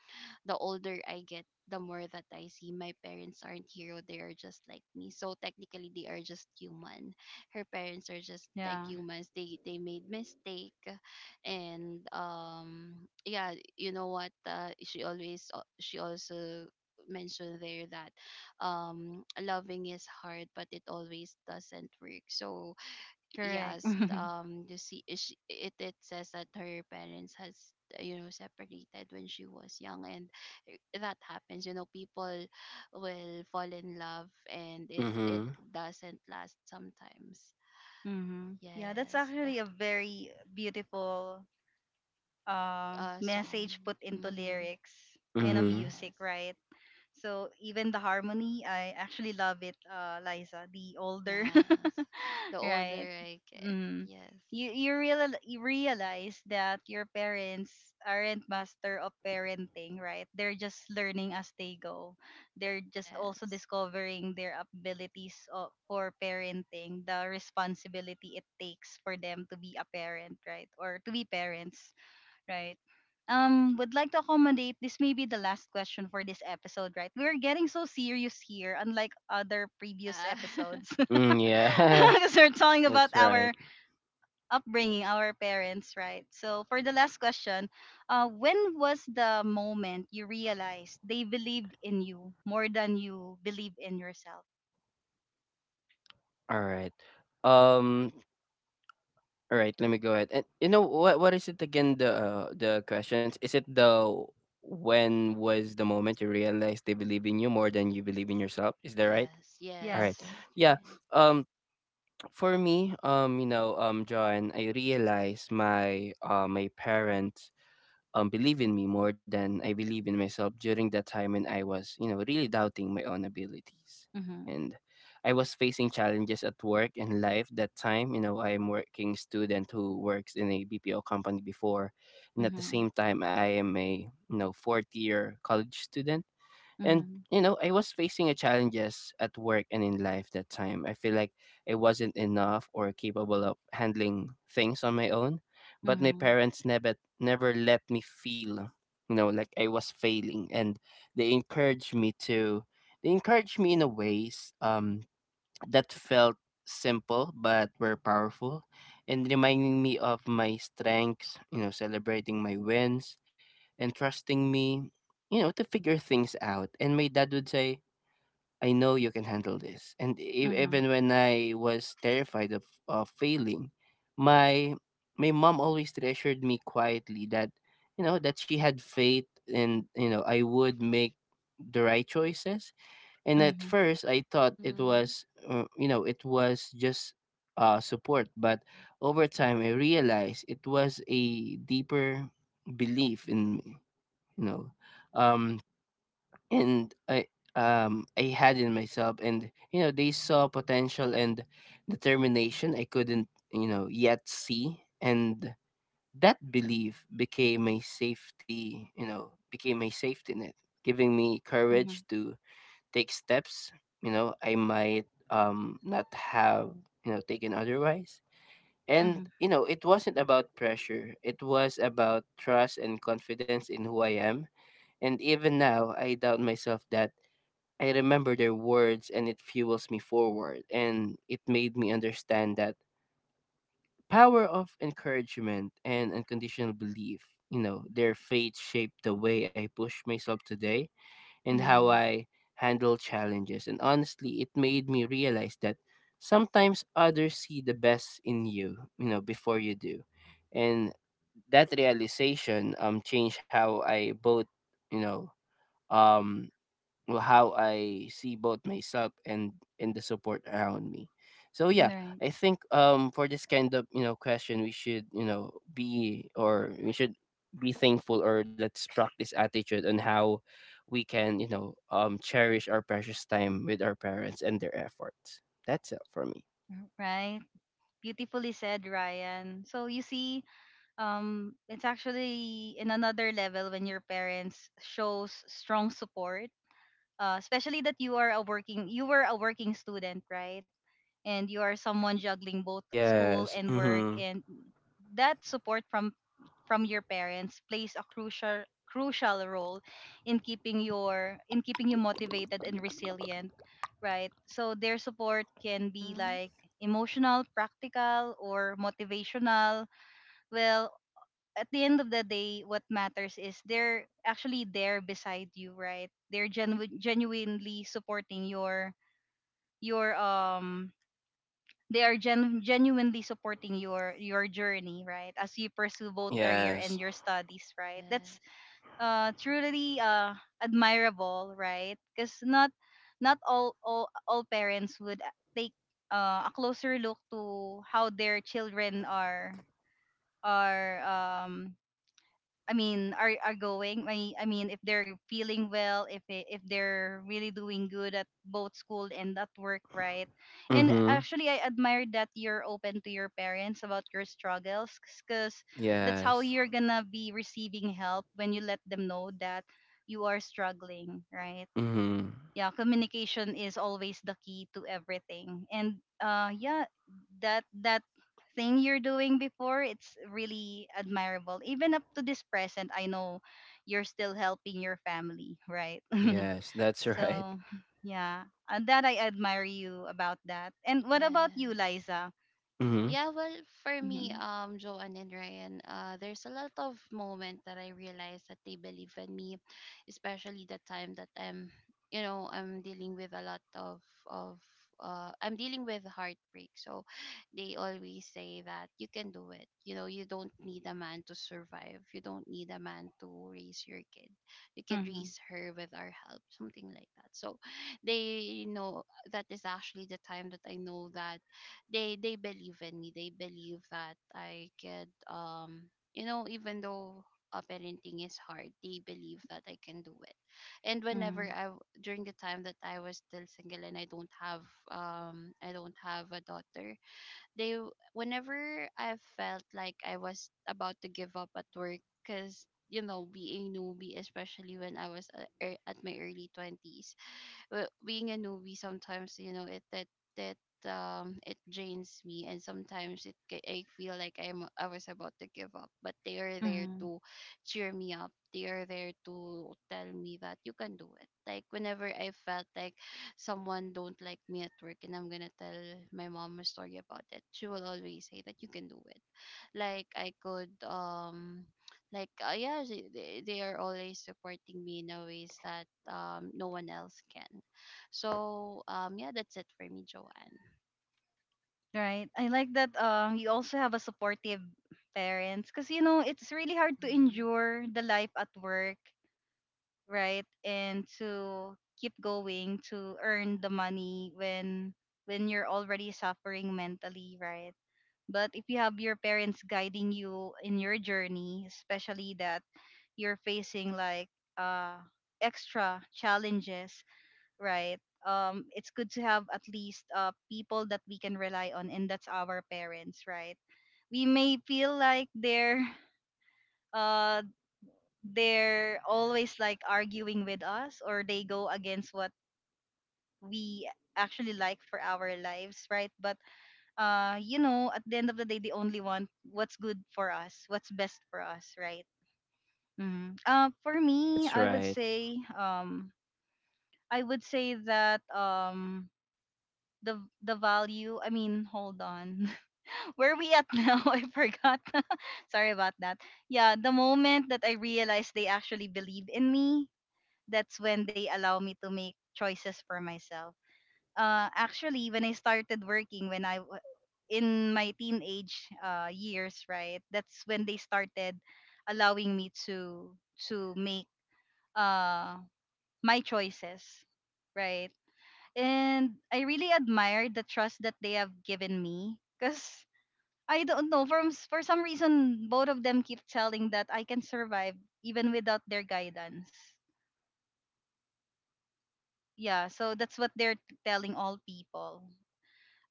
Speaker 2: the older I get, the more that I see my parents aren't hero, they are just like me. So technically, they are just human. Her parents are just like
Speaker 1: Yeah,
Speaker 2: humans. They made mistake. And yeah, you know what? She always she also mentioned there that loving is hard, but it always doesn't work. So
Speaker 1: correct.
Speaker 2: yes,
Speaker 1: (laughs)
Speaker 2: you see, it, it says that her parents has you know, separated when she was young. And that happens, you know, people will fall in love and it
Speaker 3: Mhm.
Speaker 2: doesn't last sometimes.
Speaker 1: Mm-hmm. Yeah, that's
Speaker 2: Yes, the
Speaker 1: actually a very beautiful
Speaker 2: song.
Speaker 1: message put into
Speaker 2: Mm-hmm.
Speaker 1: lyrics and a
Speaker 3: Mhm.
Speaker 1: music,
Speaker 2: Yes.
Speaker 1: right? So even the harmony, I actually love it, Liza. The older,
Speaker 2: Yes,
Speaker 1: (laughs)
Speaker 2: the
Speaker 1: right?
Speaker 2: older I get.
Speaker 1: Mm.
Speaker 2: Yes.
Speaker 1: You realize that your parents aren't master of parenting, right? They're just learning as they go. They're just also
Speaker 2: Yes.
Speaker 1: discovering their abilities for parenting, the responsibility it takes for them to be a parent, right? Or to be parents, right? Would like to accommodate this may be the last question for this episode, right? We're getting so serious here, unlike other previous
Speaker 2: Yeah.
Speaker 1: episodes.
Speaker 2: (laughs)
Speaker 1: (laughs)
Speaker 3: Mm, yeah.
Speaker 1: Because we're talking
Speaker 3: (laughs)
Speaker 1: about
Speaker 3: That's right.
Speaker 1: our upbringing, our parents, right? So for the last question, when was the moment you realized they believed in you more than you believe in yourself?
Speaker 3: All right. Um. All right. Let me go ahead. And you know what? What is it again? The questions. Is it the when was the moment you realized they believe in you more than you believe in yourself? Is that right?
Speaker 2: Yes,
Speaker 3: All right.
Speaker 2: yes,
Speaker 1: Yes.
Speaker 2: yes,
Speaker 3: Yeah.
Speaker 2: right.
Speaker 3: Um. For me. You know. John. I realized my parents believe in me more than I believe in myself during that time when I was, you know, really doubting my own abilities.
Speaker 1: Mm-hmm.
Speaker 3: And I was facing challenges at work and life that time. You know, I'm working student who works in a BPO company before, and at the
Speaker 1: Mm-hmm.
Speaker 3: same time, I am a you know fourth year college student. And you know, I was facing a challenges at work and in life that time. I feel like I wasn't enough or capable of handling things on my own, but my
Speaker 1: Mm-hmm.
Speaker 3: parents never let me feel, you know, like I was failing. And they encouraged me to they encouraged me in a ways that felt simple but were powerful, and reminding me of my strengths, you know, celebrating my wins and trusting me, you know, to figure things out. And my dad would say, "I know you can handle this." And
Speaker 1: Mm-hmm.
Speaker 3: even when I was terrified of failing, my my mom always reassured me quietly that, you know, that she had faith, and, you know, I would make the right choices. And at
Speaker 1: Mm-hmm.
Speaker 3: first, I thought it
Speaker 2: Mm-hmm.
Speaker 3: was, you know, it was just support. But over time, I realized it was a deeper belief in me, you know, um, and I had in myself. And you know, they saw potential and determination I couldn't, you know, yet see. And that belief became a safety, you know, became a safety net, giving me
Speaker 1: Mm-hmm.
Speaker 3: courage to take steps, you know, I might not have, you know, taken otherwise.
Speaker 1: Mm-hmm.
Speaker 3: And you know, it wasn't about pressure. It was about trust and confidence in who I am. And even now, I doubt myself that I remember their words and it fuels me forward, and it made me understand that power of encouragement and unconditional belief. You know, their faith shaped the way I push myself today and how
Speaker 1: Mm-hmm.
Speaker 3: I handle challenges. And honestly, it made me realize that sometimes others see the best in you, you know, before you do. And that realization changed how I both, you know, um or how I see both myself and the support around me. So yeah,
Speaker 1: Right.
Speaker 3: I think for this kind of you know question we should you know be thankful or let's practice attitude on how we can you know cherish our precious time with our parents and their efforts. That's it for me.
Speaker 1: Right. Beautifully said, Ryan. So you see, it's actually in another level when your parents shows strong support, especially that you were a working student, right? And you are someone juggling both school
Speaker 3: Yes.
Speaker 1: and work,
Speaker 3: Mhm.
Speaker 1: and that support from your parents plays a crucial role in keeping you motivated and resilient, right? So their support can be
Speaker 2: Mm-hmm.
Speaker 1: like emotional, practical, or motivational. Well, at the end of the day, what matters is they're actually there beside you, right? They're genuinely supporting your your um they are gen- genuinely supporting your journey, right? As you pursue both career
Speaker 3: Yes.
Speaker 1: and your studies, right? That's
Speaker 2: Yes.
Speaker 1: truly admirable, right? Because not all parents would take a closer look to how their children are I mean, are going. I mean, if they're feeling well, if they if they're really doing good at both school and at work, right? And
Speaker 3: Mhm.
Speaker 1: actually, I admire that you're open to your parents about your struggles, because that's how
Speaker 3: Yes.
Speaker 1: you're gonna be receiving help when you let them know that you are struggling, right?
Speaker 3: Mhm.
Speaker 1: Yeah, communication is always the key to everything, and yeah, that thing you're doing before, it's really admirable. Even up to this present, I know you're still helping your family, right? (laughs)
Speaker 3: Yes, that's (laughs) right.
Speaker 1: So yeah, and that I admire you about that. And what about you,
Speaker 2: Yes.
Speaker 1: Liza?
Speaker 3: Mhm.
Speaker 2: Yeah, well, for me,
Speaker 1: Mm-hmm.
Speaker 2: Joanne and Ryan, there's a lot of moment that I realized that they believe in me, especially the time that I'm, you know, I'm dealing with a lot of of I'm dealing with heartbreak. So they always say that you can do it. You know, you don't need a man to survive. You don't need a man to raise your kid. You can
Speaker 1: Mm-hmm.
Speaker 2: raise her with our help, something like that. So they know, that is actually the time that I know that they believe in me. They believe that I could, you know, even though parenting is hard, they believe that I can do it. And whenever
Speaker 1: Mm-hmm.
Speaker 2: during the time that I was still single and I don't have a daughter, they w- whenever I felt like I was about to give up at work, because you know, being newbie, especially when I was at my early 20s, well, being a newbie sometimes, you know, it that that it drains me, and sometimes it I feel like I was about to give up, but they are there
Speaker 1: Mm-hmm.
Speaker 2: to cheer me up, they are there to tell me that you can do it. Like whenever I felt like someone don't like me at work, and I'm gonna tell my mom a story about it, she will always say that you can do it. Like, I could like yeah, they are always supporting me in a ways that no one else can. So yeah, that's it for me, Joanne.
Speaker 1: Right, I like that you also have a supportive parents, because you know it's really hard to
Speaker 2: Mm-hmm.
Speaker 1: endure the life at work, right? And to keep going to earn the money when you're already suffering mentally, right? But if you have your parents guiding you in your journey, especially that you're facing like uh extra challenges, right? It's good to have at least people that we can rely on, and that's our parents, right? We may feel like they're (laughs) uh they're always like arguing with us, or they go against what we actually like for our lives, right? But you know, at the end of the day, they only want what's good for us, what's best for us, right? Mm. For me,
Speaker 3: That's
Speaker 1: I would
Speaker 3: right.
Speaker 1: say I would say that the the value, I mean, hold on. (laughs) Where are we at now? (laughs) I forgot. (laughs) Sorry about that. Yeah, the moment that I realized they actually believe in me, that's when they allow me to make choices for myself. Actually, when I started working, when in my teenage years, right, that's when they started allowing me to make uh, my choices, right. And I really admire the trust that they have given me, cause I don't know for some reason both of them keep telling that I can survive even without their guidance. Yeah, so that's what they're telling all people.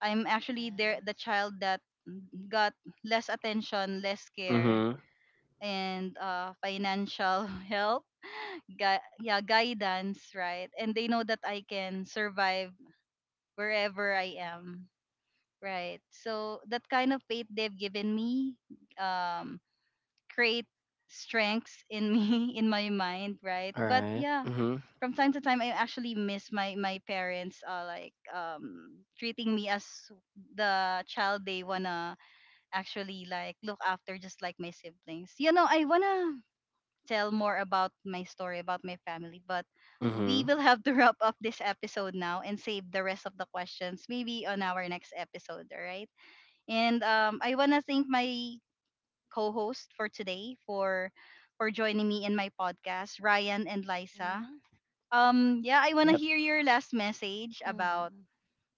Speaker 1: I'm actually there, the
Speaker 2: Yes.
Speaker 1: child that got less attention, less care,
Speaker 3: Mm-hmm.
Speaker 1: and financial (laughs) help, yeah, guidance, right? And they know that I can survive wherever I am, right? So that kind of faith they've given me, um create strengths in me (laughs) in my mind, right?
Speaker 3: All
Speaker 1: But
Speaker 3: right.
Speaker 1: yeah,
Speaker 3: Mm-hmm.
Speaker 1: from time to time I actually miss my parents like treating me as the child they wanna actually like look after, just like my siblings. You know, I wanna tell more about my story about my family, but we
Speaker 3: Mm-hmm.
Speaker 1: will have to (laughs) wrap up this episode now and save the rest of the questions maybe on our next episode, all right? And I wanna thank my co-host for today for joining me in my podcast, Ryan and Liza.
Speaker 2: Mm-hmm.
Speaker 1: Yeah, I want to
Speaker 3: Yep.
Speaker 1: hear your last message about
Speaker 2: Mm-hmm.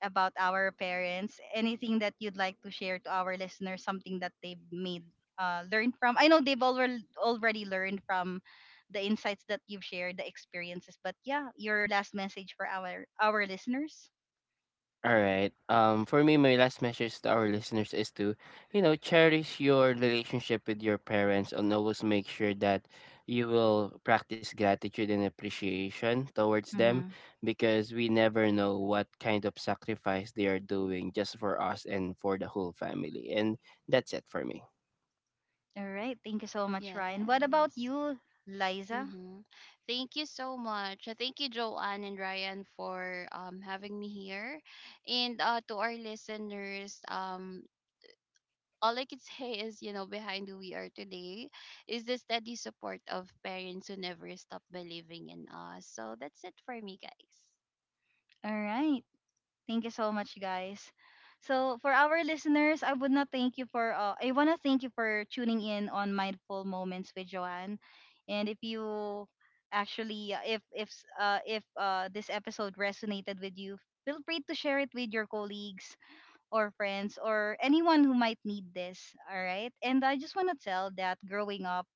Speaker 1: our parents. Anything that you'd like to share to our listeners, something that they've made learned from. I know they've already learned from the insights that you've shared, the experiences, but yeah, your last message for our listeners.
Speaker 3: All right. For me, my last message to our listeners is to, you know, cherish your relationship with your parents and always make sure that you will practice gratitude and appreciation towards them
Speaker 1: Mhm.
Speaker 3: because we never know what kind of sacrifice they are doing just for us and for the whole family. And that's it for me.
Speaker 1: All right. Thank you so much, Ryan. What about
Speaker 2: Yes.
Speaker 1: you, Liza?
Speaker 2: Mm-hmm. Thank you so much. Thank you, Joanne and Ryan, for having me here, and uh, to our listeners, all I can say is, you know, behind who we are today is the steady support of parents who never stop believing in us. So that's it for me, guys.
Speaker 1: All right. Thank you so much, guys. So, for our listeners, I would not thank you for. I wanna thank you for tuning in on Mindful Moments with Joanne. And if you actually, if s- if this episode resonated with you, feel free to share it with your colleagues or friends or anyone who might need this. All right. And I just wanna tell that growing up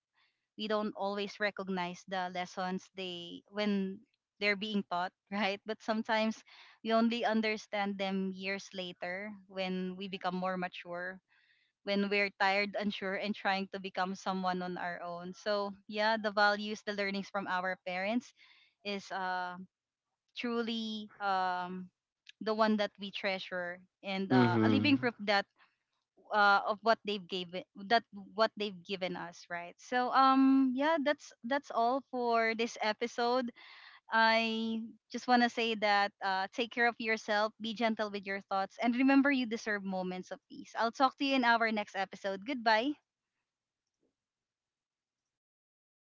Speaker 1: we don't always recognize the lessons they when they're being taught, (laughs) right? But sometimes we only understand them years later when we become more mature, when we're tired, unsure, and trying to become someone on our own. So yeah, the values, the learnings from our parents is truly the one that we treasure, and a
Speaker 3: Mm-hmm.
Speaker 1: living proof that of what they've given that what they've given us, right? So yeah, that's all for this episode. I just want to say that take care of yourself, be gentle with your thoughts, and remember you deserve moments of peace. I'll talk to you in our next episode. Goodbye.